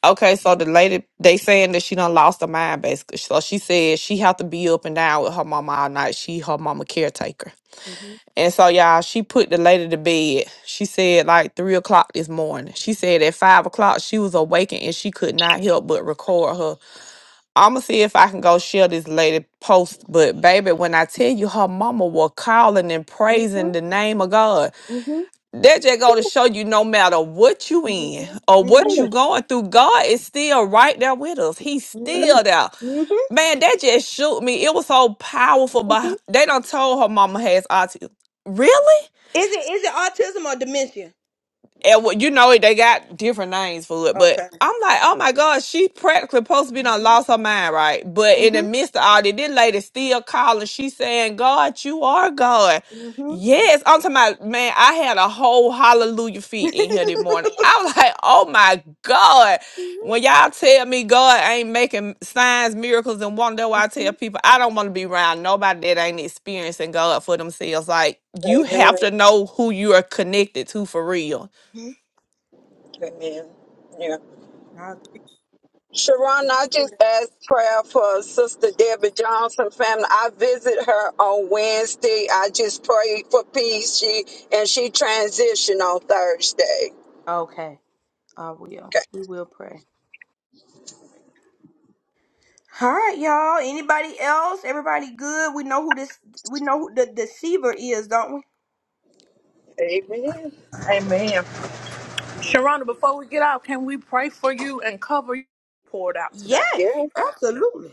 Speaker 8: Okay, so the lady they saying that she done lost her mind basically. So she said she have to be up and down with her mama all night. She her mama caretaker.
Speaker 1: Mhm.
Speaker 8: And so, y'all, she put the lady to bed. She said like three o'clock this morning. She said at five o'clock she was awakened and she could not help but record her. I'ma see if I can go share this lady post. But baby, when I tell you her mama was calling and praising
Speaker 1: Mhm.
Speaker 8: the name of God,
Speaker 1: Mhm.
Speaker 8: that just go to show you no matter what you
Speaker 1: Mhm.
Speaker 8: in or what
Speaker 1: Mhm.
Speaker 8: you going through, God is still right there with us. He's
Speaker 1: Mhm.
Speaker 8: still there.
Speaker 1: Mhm. Mhm.
Speaker 8: Man, that just shook me. It was so powerful, but they done told her mama has autism. Really?
Speaker 1: Is it is it autism or dementia?
Speaker 8: And what- you know, they got different names for it, but
Speaker 1: Okay.
Speaker 8: I'm like, oh my God, she practically supposed to be done
Speaker 1: Mm-hmm.
Speaker 8: lost her mind, right? But in the
Speaker 1: Mm-hmm.
Speaker 8: midst of all that, this lady still calling. She saying, God, you are God.
Speaker 1: Mm-hmm.
Speaker 8: Yes, I'm talking about, man, I had a whole hallelujah feet in here this morning. I was like, oh my God.
Speaker 1: mm-hmm,
Speaker 8: When y'all tell me God ain't making signs, miracles, and wonder, why I tell people I don't want to be around nobody that ain't experiencing God for themselves. Like, you have
Speaker 7: Amen.
Speaker 8: to know who you are connected to for real
Speaker 1: mm-hmm.
Speaker 7: Amen. Yeah.
Speaker 1: I agree.
Speaker 7: Sharon, I just asked prayer for Sister Debbie Johnson family. I visit her on Wednesday. I just prayed for peace. She and she transitioned on Thursday.
Speaker 1: Okay. I will. We will pray. All right, y'all. Anybody else? Everybody good? We know who this. We know who the deceiver is, don't we?
Speaker 7: Okay. Amen.
Speaker 2: Amen. Sharonda, before we get out, can we pray for you and cover you poured out today?
Speaker 1: Yes,
Speaker 7: Yes,
Speaker 1: absolutely.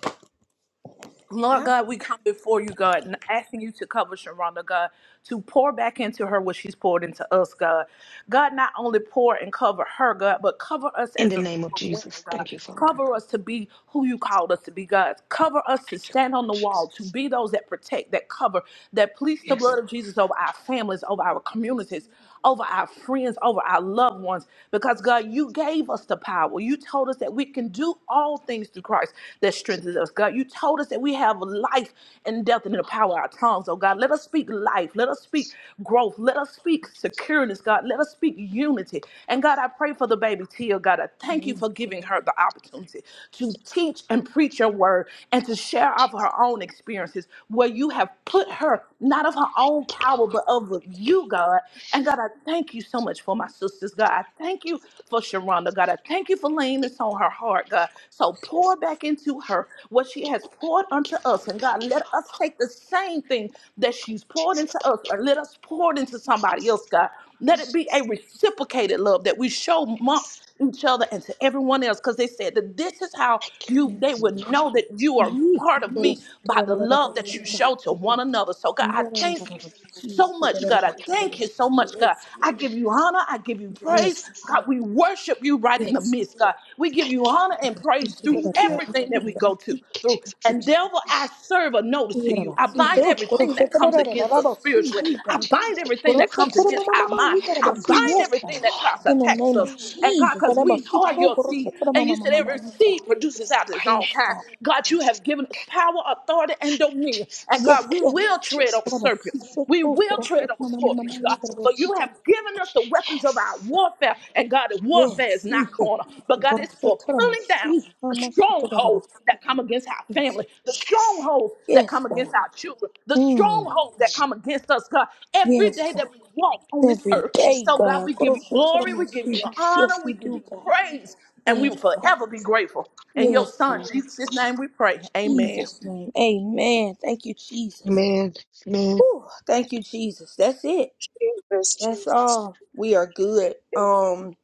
Speaker 2: Lord
Speaker 1: Ab-
Speaker 2: God, we come before you, God, and asking you to cover Sharonda, God, to pour back into her what she's poured into us, God. God, not only pour and cover her, God, but cover us
Speaker 9: In
Speaker 2: as
Speaker 9: the
Speaker 2: a group
Speaker 9: name of
Speaker 2: of women,
Speaker 9: Jesus.
Speaker 2: God.
Speaker 9: Thank you, Father.
Speaker 2: Cover us to be who you called us to be, God. Cover us to
Speaker 9: Thank you,
Speaker 2: stand on
Speaker 9: Lord
Speaker 2: the wall, to
Speaker 9: Jesus.
Speaker 2: be those that protect, that cover, that please the
Speaker 9: Yes,
Speaker 2: blood of
Speaker 9: Lord.
Speaker 2: Jesus over our families, over our communities, over our friends, over our loved ones, because God, you gave us the power. You told us that we can do all things through Christ that strengthens us. God, you told us that we have life and death in the power of our tongues. Oh God, let us speak life. Let us speak growth. Let us speak secureness, God. Let us speak unity. And God, I pray for the baby Tia, God. I thank you for giving her the opportunity to teach and preach your word and to share of her own experiences where you have put her, not of her
Speaker 9: Thank
Speaker 2: own
Speaker 9: you,
Speaker 2: power,
Speaker 9: Lord.
Speaker 2: but of love with you, God. And God, I thank you so much for my sisters, God. I thank you for Sharonda, God. I thank you for laying this on her heart, God. So pour back into her what she has poured
Speaker 9: Thank
Speaker 2: unto
Speaker 9: you,
Speaker 2: us.
Speaker 9: Lord.
Speaker 2: And
Speaker 9: Thank
Speaker 2: God,
Speaker 9: you,
Speaker 2: let
Speaker 9: Father.
Speaker 2: us
Speaker 9: Oh,
Speaker 2: take the same thing that she's poured
Speaker 9: Jesus,
Speaker 2: into
Speaker 9: thank
Speaker 2: us, or let us pour it into somebody else, God. Let it be a reciprocated love that we show
Speaker 9: you.
Speaker 2: amongst
Speaker 9: Thank
Speaker 2: each other and to everyone else. Because they said that this is how
Speaker 9: you.
Speaker 2: you they would know
Speaker 9: Hallelujah,
Speaker 2: that you are part of me by the love that you show to one another. So God, I thank
Speaker 9: Jesus.
Speaker 2: you
Speaker 1: Yes,
Speaker 2: so much, God. I
Speaker 9: Hallelujah,
Speaker 2: thank you so much, God. I give you honor. I give you praise.
Speaker 1: yes,
Speaker 9: Jesus.
Speaker 2: God, we worship you right in the midst, God. We give
Speaker 9: Thank
Speaker 2: you
Speaker 9: you. Thank you.
Speaker 2: honor and praise through
Speaker 9: Thank you,
Speaker 2: everything that we go to through.
Speaker 9: Jesus.
Speaker 2: And devil, I serve a notice to you. I bind
Speaker 9: Thank you,
Speaker 2: everything
Speaker 9: Lord.
Speaker 2: that comes against
Speaker 9: In
Speaker 2: us
Speaker 9: the
Speaker 2: spiritually.
Speaker 9: name of
Speaker 1: yes.
Speaker 2: I
Speaker 9: Jesus.
Speaker 2: bind
Speaker 9: In the
Speaker 2: everything
Speaker 9: name
Speaker 2: that
Speaker 9: of
Speaker 1: Grosso
Speaker 2: comes
Speaker 9: Jesus.
Speaker 1: toro
Speaker 2: against
Speaker 1: mama
Speaker 9: Thank you,
Speaker 2: our
Speaker 1: mama,
Speaker 2: mind.
Speaker 9: Father.
Speaker 1: you
Speaker 9: In the
Speaker 1: got
Speaker 2: I
Speaker 1: about
Speaker 9: name of
Speaker 1: see
Speaker 2: bind
Speaker 9: Jesus.
Speaker 1: yes
Speaker 9: Thank
Speaker 2: everything
Speaker 9: you,
Speaker 1: God.
Speaker 2: that
Speaker 9: Lord.
Speaker 2: tries to
Speaker 1: In the
Speaker 9: Thank you,
Speaker 2: attack
Speaker 1: name
Speaker 2: us.
Speaker 1: of
Speaker 9: Father.
Speaker 2: And God,
Speaker 1: Jesus, I
Speaker 2: because
Speaker 9: Thank you,
Speaker 1: about
Speaker 2: we
Speaker 1: see
Speaker 2: are
Speaker 1: to
Speaker 2: your
Speaker 1: grosso
Speaker 2: seed.
Speaker 1: toro
Speaker 2: And you
Speaker 1: mama
Speaker 2: said
Speaker 1: mama mama,
Speaker 2: every
Speaker 1: you got
Speaker 2: seed produces
Speaker 9: Jesus.
Speaker 2: out its
Speaker 9: Thank
Speaker 2: own
Speaker 9: you,
Speaker 1: yes
Speaker 2: kind.
Speaker 1: God.
Speaker 2: God, you
Speaker 9: Jesus.
Speaker 2: have given us power, authority, and
Speaker 9: Thank you,
Speaker 2: dominion. And
Speaker 9: Jesus.
Speaker 2: God, God,
Speaker 1: Yes,
Speaker 2: we
Speaker 9: In the name
Speaker 1: yes.
Speaker 2: will
Speaker 9: of
Speaker 2: tread over
Speaker 1: I
Speaker 9: Jesus.
Speaker 1: about
Speaker 2: serpents.
Speaker 1: see show
Speaker 2: We
Speaker 1: to
Speaker 2: will
Speaker 1: grosso
Speaker 2: tread
Speaker 1: toro
Speaker 2: over
Speaker 1: mama
Speaker 9: In the name
Speaker 1: mama
Speaker 9: of
Speaker 2: scorpions,
Speaker 1: mama,
Speaker 2: God.
Speaker 1: you got about
Speaker 2: But
Speaker 1: see
Speaker 2: you
Speaker 9: Jesus.
Speaker 2: have given us the weapons of our
Speaker 9: Yes.
Speaker 2: warfare. And God, the
Speaker 1: yes
Speaker 2: warfare is
Speaker 1: see
Speaker 2: not
Speaker 1: it.
Speaker 2: corner, but God, it's
Speaker 1: Grosso
Speaker 2: for
Speaker 1: toro mosi
Speaker 2: pulling down
Speaker 1: mama see how
Speaker 2: the
Speaker 1: much you toro mama
Speaker 2: strongholds that come against our
Speaker 1: Yes,
Speaker 2: family, the
Speaker 9: Yes.
Speaker 2: strongholds that come
Speaker 1: yes
Speaker 2: against
Speaker 1: God.
Speaker 2: our children, the
Speaker 1: Mm.
Speaker 2: strongholds that come against us, God, every
Speaker 1: Yes
Speaker 2: day
Speaker 1: God.
Speaker 2: that we walk on this
Speaker 1: Every
Speaker 2: earth.
Speaker 1: day
Speaker 2: So, God, we
Speaker 1: God,
Speaker 2: give you
Speaker 1: grosso toro
Speaker 2: glory,
Speaker 1: mama
Speaker 2: we give you
Speaker 1: see.
Speaker 2: honor,
Speaker 1: Yes
Speaker 2: we
Speaker 1: we
Speaker 2: give
Speaker 1: do
Speaker 2: you
Speaker 1: God.
Speaker 2: praise, and we will
Speaker 1: Yes God.
Speaker 2: forever be grateful. In your
Speaker 1: Yes
Speaker 2: son,
Speaker 1: God.
Speaker 2: Jesus' name, we pray. Amen.
Speaker 1: Jesus' name. Amen. Thank you, Jesus.
Speaker 9: Amen. Amen.
Speaker 1: Thank you, Jesus. That's it.
Speaker 7: Jesus,
Speaker 1: That's
Speaker 7: Jesus.
Speaker 1: all. We are good. Um,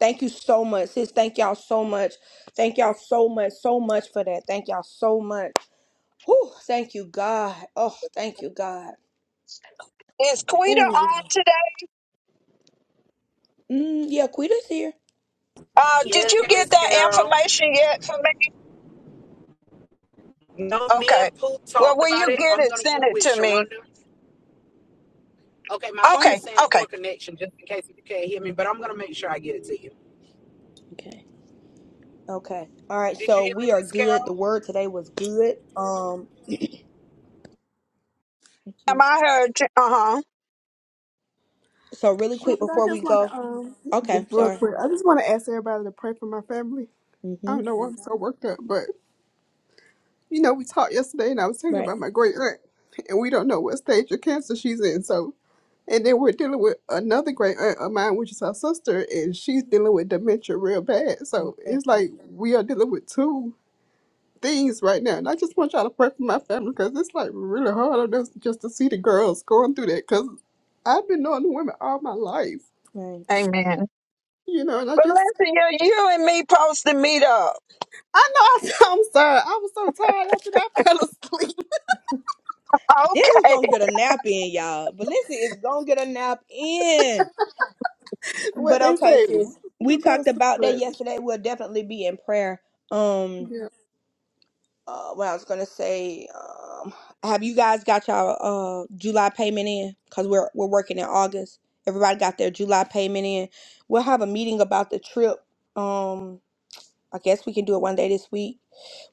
Speaker 1: thank you so much, sis. Thank y'all so much. Thank y'all so much, so much for that. Thank y'all so much. Whew, thank you, God. Oh, thank you, God.
Speaker 7: Is Quita
Speaker 1: Ooh.
Speaker 7: on today?
Speaker 1: Mm, yeah, Quita's here.
Speaker 7: Uh, did
Speaker 4: Yeah,
Speaker 7: you get
Speaker 4: Miss
Speaker 7: that
Speaker 4: Carol.
Speaker 7: information yet for me?
Speaker 4: No, me
Speaker 7: Okay.
Speaker 4: and Pooh
Speaker 7: Well,
Speaker 4: talked
Speaker 7: when
Speaker 4: about
Speaker 7: you
Speaker 4: it.
Speaker 7: get
Speaker 4: I'm
Speaker 7: it,
Speaker 4: gonna
Speaker 7: send
Speaker 4: get it
Speaker 7: it
Speaker 4: with
Speaker 7: to me.
Speaker 4: Sharonda. Okay, my phone is
Speaker 7: Okay,
Speaker 4: saying
Speaker 7: okay.
Speaker 4: poor connection, just in case you can't hear me, but I'm gonna make sure I get it to you.
Speaker 1: Okay. Okay. All right.
Speaker 4: Did you
Speaker 1: So
Speaker 4: hear me,
Speaker 1: we are
Speaker 4: Miss
Speaker 1: good.
Speaker 4: Carol?
Speaker 1: The word today was good. Um. Thank
Speaker 7: Am
Speaker 1: you.
Speaker 7: I heard? You? Uh-huh.
Speaker 1: So really
Speaker 3: Shonda,
Speaker 1: quick
Speaker 3: I
Speaker 1: before we
Speaker 3: just want
Speaker 1: go.
Speaker 3: to um,
Speaker 1: Okay.
Speaker 3: real
Speaker 1: Sorry.
Speaker 3: quick. I just want to ask everybody to pray for my family. I don't
Speaker 1: Mhm.
Speaker 3: know why I'm so worked up, but you know, we talked yesterday and I was telling you
Speaker 1: Right.
Speaker 3: about my great aunt, and we don't know what stage of cancer she's in. So, and then we're dealing with another great aunt of mine, which is her sister, and she's dealing with dementia real bad. So
Speaker 1: Okay.
Speaker 3: it's like we are dealing with two things right now. And I just want y'all to pray for my family because it's like really hard on us just to see the girls going through that because I've been knowing the women all my life,
Speaker 1: Right.
Speaker 7: Amen.
Speaker 3: you know, and I
Speaker 7: But
Speaker 3: just.
Speaker 7: listen, you, you and me post to meet up.
Speaker 3: I know I, I'm sorry. I was so tired after that I fell asleep.
Speaker 1: This is
Speaker 7: Okay.
Speaker 1: gonna get a nap in, y'all. Valencia is gonna get a nap in.
Speaker 3: what
Speaker 1: But
Speaker 3: they
Speaker 1: okay,
Speaker 3: say,
Speaker 1: sis,
Speaker 3: we
Speaker 1: we
Speaker 3: don't go to
Speaker 1: talked
Speaker 3: sleep,
Speaker 1: about that
Speaker 3: but
Speaker 1: yesterday. We'll definitely be in prayer. Um,
Speaker 3: yeah.
Speaker 1: uh, what I was gonna say, um, have you guys got y'all uh July payment in? Cause we're we're working in August. Everybody got their July payment in. We'll have a meeting about the trip. Um. I guess we can do it one day this week.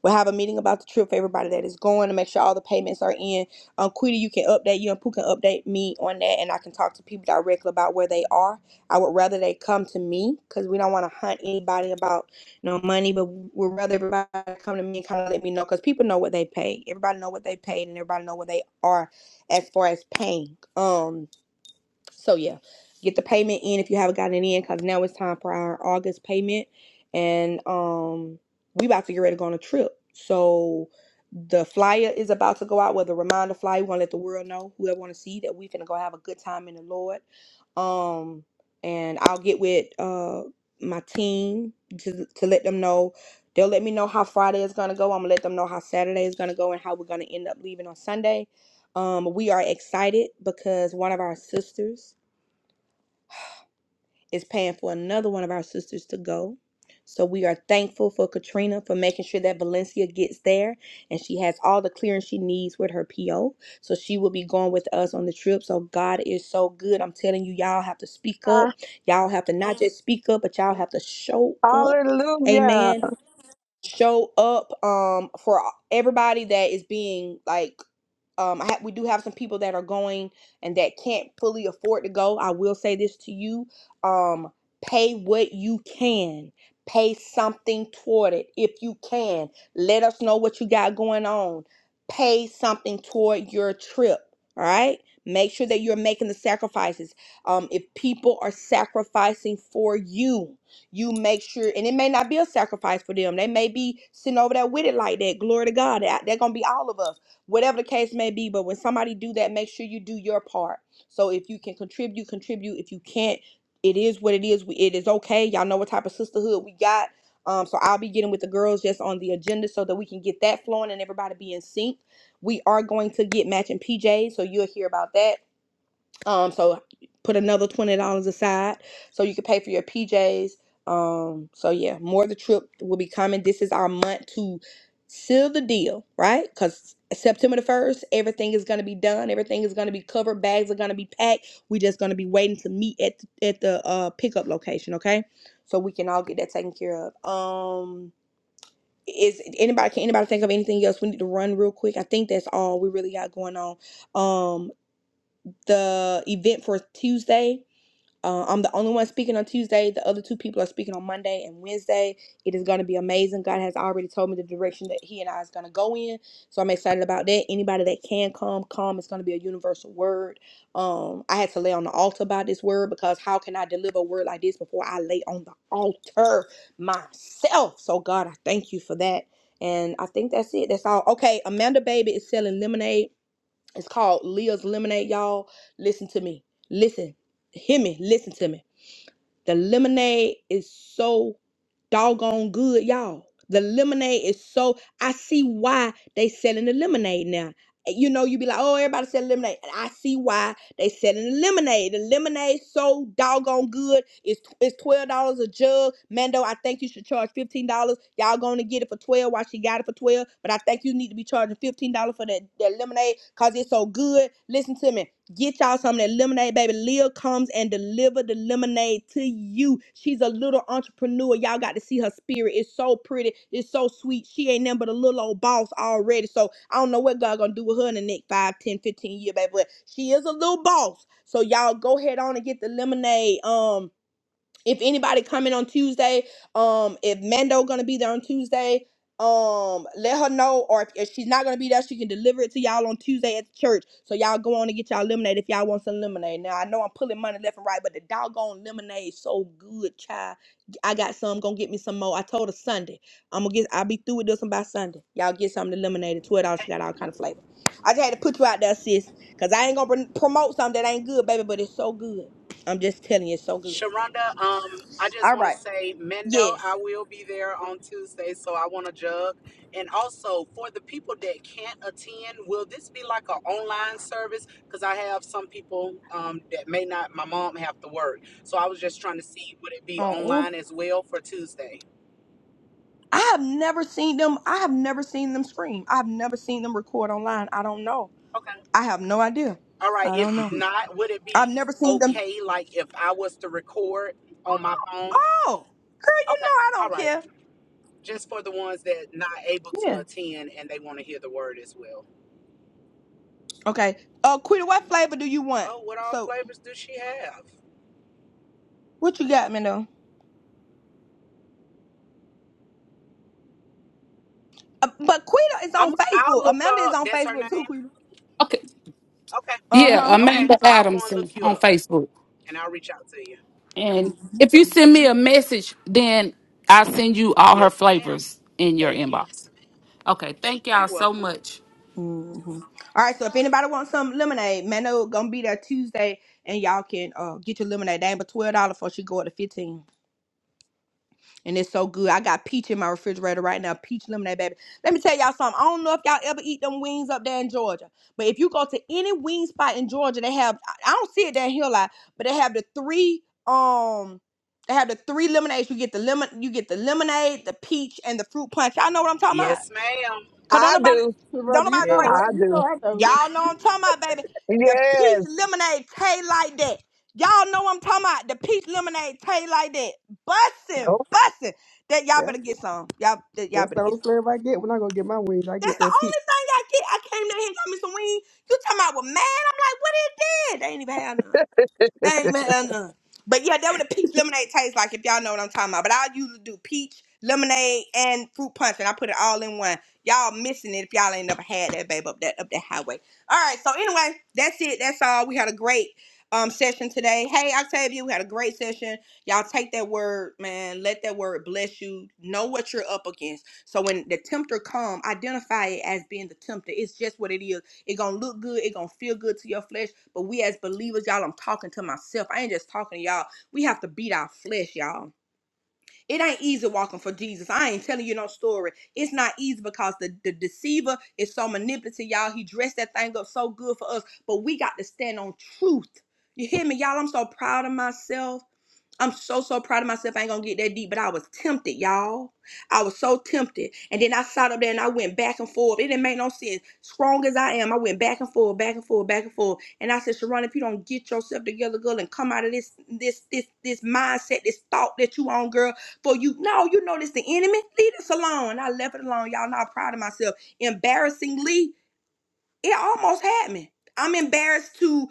Speaker 1: We'll have a meeting about the trip for everybody that is going to make sure all the payments are in. Um, Quita, you can update you and Pooh can update me on that, and I can talk to people directly about where they are. I would rather they come to me because we don't want to hunt anybody about no money, but we'd rather everybody come to me and kind of let me know because people know what they paid. Everybody know what they paid, and everybody know where they are as far as paying. Um so yeah, get the payment in if you haven't gotten it in, because now it's time for our August payment, and um, we about to get ready to go on a trip. So the flyer is about to go out with a reminder flyer. We want to let the world know, whoever want to see, that we finna go have a good time in the Lord. Um, and I'll get with uh my team to to let them know. They'll let me know how Friday is gonna go. I'm gonna let them know how Saturday is gonna go and how we're gonna end up leaving on Sunday. Um, we are excited because one of our sisters is paying for another one of our sisters to go. So we are thankful for Katrina for making sure that Valencia gets there and she has all the clearance she needs with her PO. So she will be going with us on the trip. So God is so good. I'm telling you, y'all have to speak
Speaker 7: Uh,
Speaker 1: up. Y'all have to not just speak up, but y'all have to show up.
Speaker 7: hallelujah.
Speaker 1: Amen. Show up um for everybody that is being like um, I ha- we do have some people that are going and that can't fully afford to go. I will say this to you: um, pay what you can, pay something toward it if you can. Let us know what you got going on. Pay something toward your trip. All right. Make sure that you're making the sacrifices. Um, if people are sacrificing for you, you make sure, and it may not be a sacrifice for them. They may be sitting over there with it like that. Glory to God. That- They're gonna be all of us whatever the case may be but when somebody do that make sure you do your part so if you can contribute contribute if you can't it is what it is We- it is okay y'all know what type of sisterhood we got um, so i'll be getting with the girls just on the agenda so that we can get that flowing and everybody be in sync we are going to get matching pjs so you'll hear about that um, so put another twenty dollars aside so you can pay for your PJs. Um, so yeah, more of the trip will be coming. This is our month to seal the deal, right? Because September the first, everything is gonna be done. Everything is gonna be covered. Bags are gonna be packed. we just gonna be waiting to meet at the, at the uh, pickup location, okay? So we can all get that taken care of. Um, is anybody can anybody think of anything else we need to run real quick? I think that's all we really got going on. Um, the event for Tuesday. Uh, I'm the only one speaking on Tuesday. The other two people are speaking on Monday and Wednesday. It is going to be amazing. God has already told me the direction that He and I is going to go in, so I'm excited about that. Anybody that can come, come. It's going to be a universal word. Um, I had to lay on the altar about this word because how can I deliver a word like this before I lay on the altar myself? So God, I thank you for that. And I think that's it. That's all. Okay, Amanda Baby is selling lemonade it's called Leah's Lemonade, y'all. Listen to me. Listen. Hear me. Listen to me. The lemonade is so doggone good, y'all. The lemonade is so I see why they selling the lemonade now. Eh, You know, you be like, oh, everybody selling lemonade. And I see why they selling the lemonade. The lemonade so doggone good. It's it's twelve dollars a jug. Mando, I think you should charge fifteen dollars. Y'all gonna get it for twelve while she got it for twelve. But I think you need to be charging fifteen dollars for that, that lemonade because it's so good. Listen to me. Get y'all some of that lemonade, baby. Lil comes and deliver the lemonade to you. She's a little entrepreneur. Y'all got to see her spirit. It's so pretty. It's so sweet. She ain't nothing but a little old boss already. So I don't know what God gonna do with her in the next 5, 10, 15 years, baby. But she is a little boss. So y'all go ahead on and get the lemonade. Um if anybody coming on Tuesday, um, if Mando gonna be there on Tuesday, um, let her know. Or if, if she's not gonna be there, she can deliver it to y'all on Tuesday at the church. So y'all go on and get y'all lemonade if y'all want some lemonade. Now I know I'm pulling money left and right, but the doggone lemonade so good, child. I got some. Gonna get me some more. I told her Sunday. I'm gonna get. I'll be through with this one by Sunday. Y'all get some of the lemonade. at Twelve dollars. She got all kind of flavor. I just had to put you out there, sis, cause I ain't gonna pr- promote something that ain't good, baby. But it's so good. I'm just telling you, it's so good.
Speaker 4: Sharonda, um, I just
Speaker 1: All
Speaker 4: want
Speaker 1: right.
Speaker 4: to say, Mendo,
Speaker 1: Yes.
Speaker 4: I will be there on Tuesday, so I want to jug. And also, for the people that can't attend, will this be like an online service? Because I have some people um, that may not, my mom have to work. So I was just trying to see, would it be
Speaker 1: Oh,
Speaker 4: online as well for Tuesday?
Speaker 1: I have never seen them. I have never seen them scream. I've never seen them record online. I don't know.
Speaker 4: Okay.
Speaker 1: I have no idea.
Speaker 4: All right.
Speaker 1: I
Speaker 4: If
Speaker 1: don't know.
Speaker 4: not, would it
Speaker 1: I've
Speaker 4: be
Speaker 1: never seen them.
Speaker 4: okay, like if I was to record on my phone?
Speaker 1: Oh, girl, you
Speaker 4: Okay.
Speaker 1: know I
Speaker 4: All
Speaker 1: don't
Speaker 4: right.
Speaker 1: care.
Speaker 4: Just for the ones that not able to attend and they want to hear the word as well.
Speaker 1: Okay. Uh, Quita, what flavor do you want?
Speaker 4: Oh, what all
Speaker 1: So,
Speaker 4: flavors do she have?
Speaker 1: what you got, Mendo? Uh, but Quita is
Speaker 4: I'm
Speaker 1: on
Speaker 4: I'll
Speaker 1: Facebook.
Speaker 4: look
Speaker 1: Amanda
Speaker 4: her
Speaker 1: is
Speaker 4: up.
Speaker 1: on
Speaker 4: That's her
Speaker 1: Facebook
Speaker 4: name.
Speaker 1: too, Quita.
Speaker 10: Okay.
Speaker 4: Okay.
Speaker 1: Uh
Speaker 10: Yeah,
Speaker 1: huh.
Speaker 4: Okay.
Speaker 10: Amanda
Speaker 4: I'll go and
Speaker 10: Adamson
Speaker 4: look you
Speaker 10: on
Speaker 4: up
Speaker 10: Facebook.
Speaker 4: and I'll reach out to you.
Speaker 10: And if you send me a message, then I'll send you all her
Speaker 4: Yes, ma'am.
Speaker 10: flavors in your
Speaker 4: Thank you.
Speaker 10: inbox. Okay. Thank
Speaker 4: You're
Speaker 10: y'all so
Speaker 4: welcome.
Speaker 10: much.
Speaker 1: Mm-hmm. All right. So if anybody wants some lemonade, Mano gonna be there Tuesday, and y'all can uh get your lemonade. They ain't but twelve dollars before she go up to fifteen. And it's so good. I got peach in my refrigerator right now. Peach lemonade, baby. Let me tell y'all something. I don't know if y'all ever eat them wings up there in Georgia. But if you go to any wing spot in Georgia, they have I I don't see it down here a lot, but they have the three um they have the three lemonades. You get the lemon you get the lemonade, the peach, and the fruit punch. Y'all know what I'm talking about.
Speaker 4: Yes, ma'am.
Speaker 1: Cause don't
Speaker 7: I
Speaker 1: nobody
Speaker 7: do.
Speaker 1: don't
Speaker 3: Sharonda, you
Speaker 1: nobody
Speaker 3: know, what
Speaker 1: drink
Speaker 4: Yes.
Speaker 7: I
Speaker 3: I- you know,
Speaker 7: do.
Speaker 3: I know.
Speaker 1: Y'all
Speaker 4: Hmm.
Speaker 1: know I'm talking about, baby. The peach
Speaker 7: Yes.
Speaker 1: lemonade taste like that. Y'all know I'm talking about. The peach lemonade taste like that. Bussin', bussin'. That y'all
Speaker 3: That's
Speaker 1: better get some. Y'all, that y'all
Speaker 3: that's the
Speaker 1: better get
Speaker 3: only
Speaker 1: some.
Speaker 3: flavor I get when I go get my wings. I
Speaker 1: That's
Speaker 3: get
Speaker 1: the
Speaker 3: that peach.
Speaker 1: only thing I get. I came down here and got me some wings. You talking about with mad? I'm like, what is that? They ain't even have none. Dang man. uh. uh. But yeah, that what a peach lemonade tastes like if y'all know what I'm talking about. But I usually do peach lemonade and fruit punch, and I put it all in one. Y'all missing it if y'all ain't never had that babe up that up that highway. All right. So anyway, that's it. That's all. We had a great um session today. Hey, Octavia, we had a great session. Y'all take that word, man. Let that word bless you. Know what you're up against. So when the tempter come, identify it as being the tempter. It's just what it is it gonna look good. It gonna feel good to your flesh. But we as believers, y'all, I'm talking to myself. I ain't just talking to y'all. We have to beat our flesh, y'all. It ain't easy walking for Jesus. I ain't telling you no story. It's not easy because the, the deceiver is so manipulative, y'all. He dressed that thing up so good for us, but we got to stand on truth. You hear me, y'all? I'm so proud of myself. I'm so so proud of myself. I ain't gonna get that deep, but I was tempted, y'all. I was so tempted, and then I sat up there and I went back and forth. It didn't make no sense. Strong as I am, I went back and forth, back and forth, back and forth. And I said, Sharon, if you don't get yourself together, girl, and come out of this this this this mindset, this thought that you on, girl, for you, no, you know this the enemy. Leave this alone. And I left it alone, y'all. Not proud of myself. Embarrassingly, it almost had me. I'm embarrassed to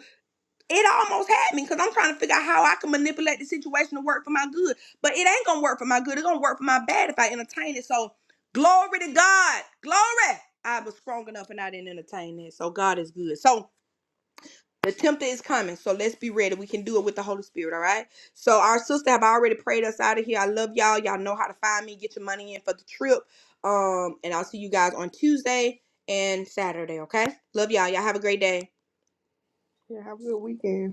Speaker 1: it almost had me because I'm trying to figure out how I can manipulate the situation to work for my good. But it ain't gonna work for my good. It's gonna work for my bad if I entertain it. So glory to God. Glory. I was strong enough and I didn't entertain it. So God is good. So the tempter is coming. So let's be ready. We can do it with the Holy Spirit, all right? So our sister have already prayed us out of here. I love y'all. Y'all know how to find me. Get your money in for the trip. Um, and I'll see you guys on Tuesday and Saturday, okay? Love y'all. Y'all have a great day.
Speaker 3: Yeah, have a good weekend.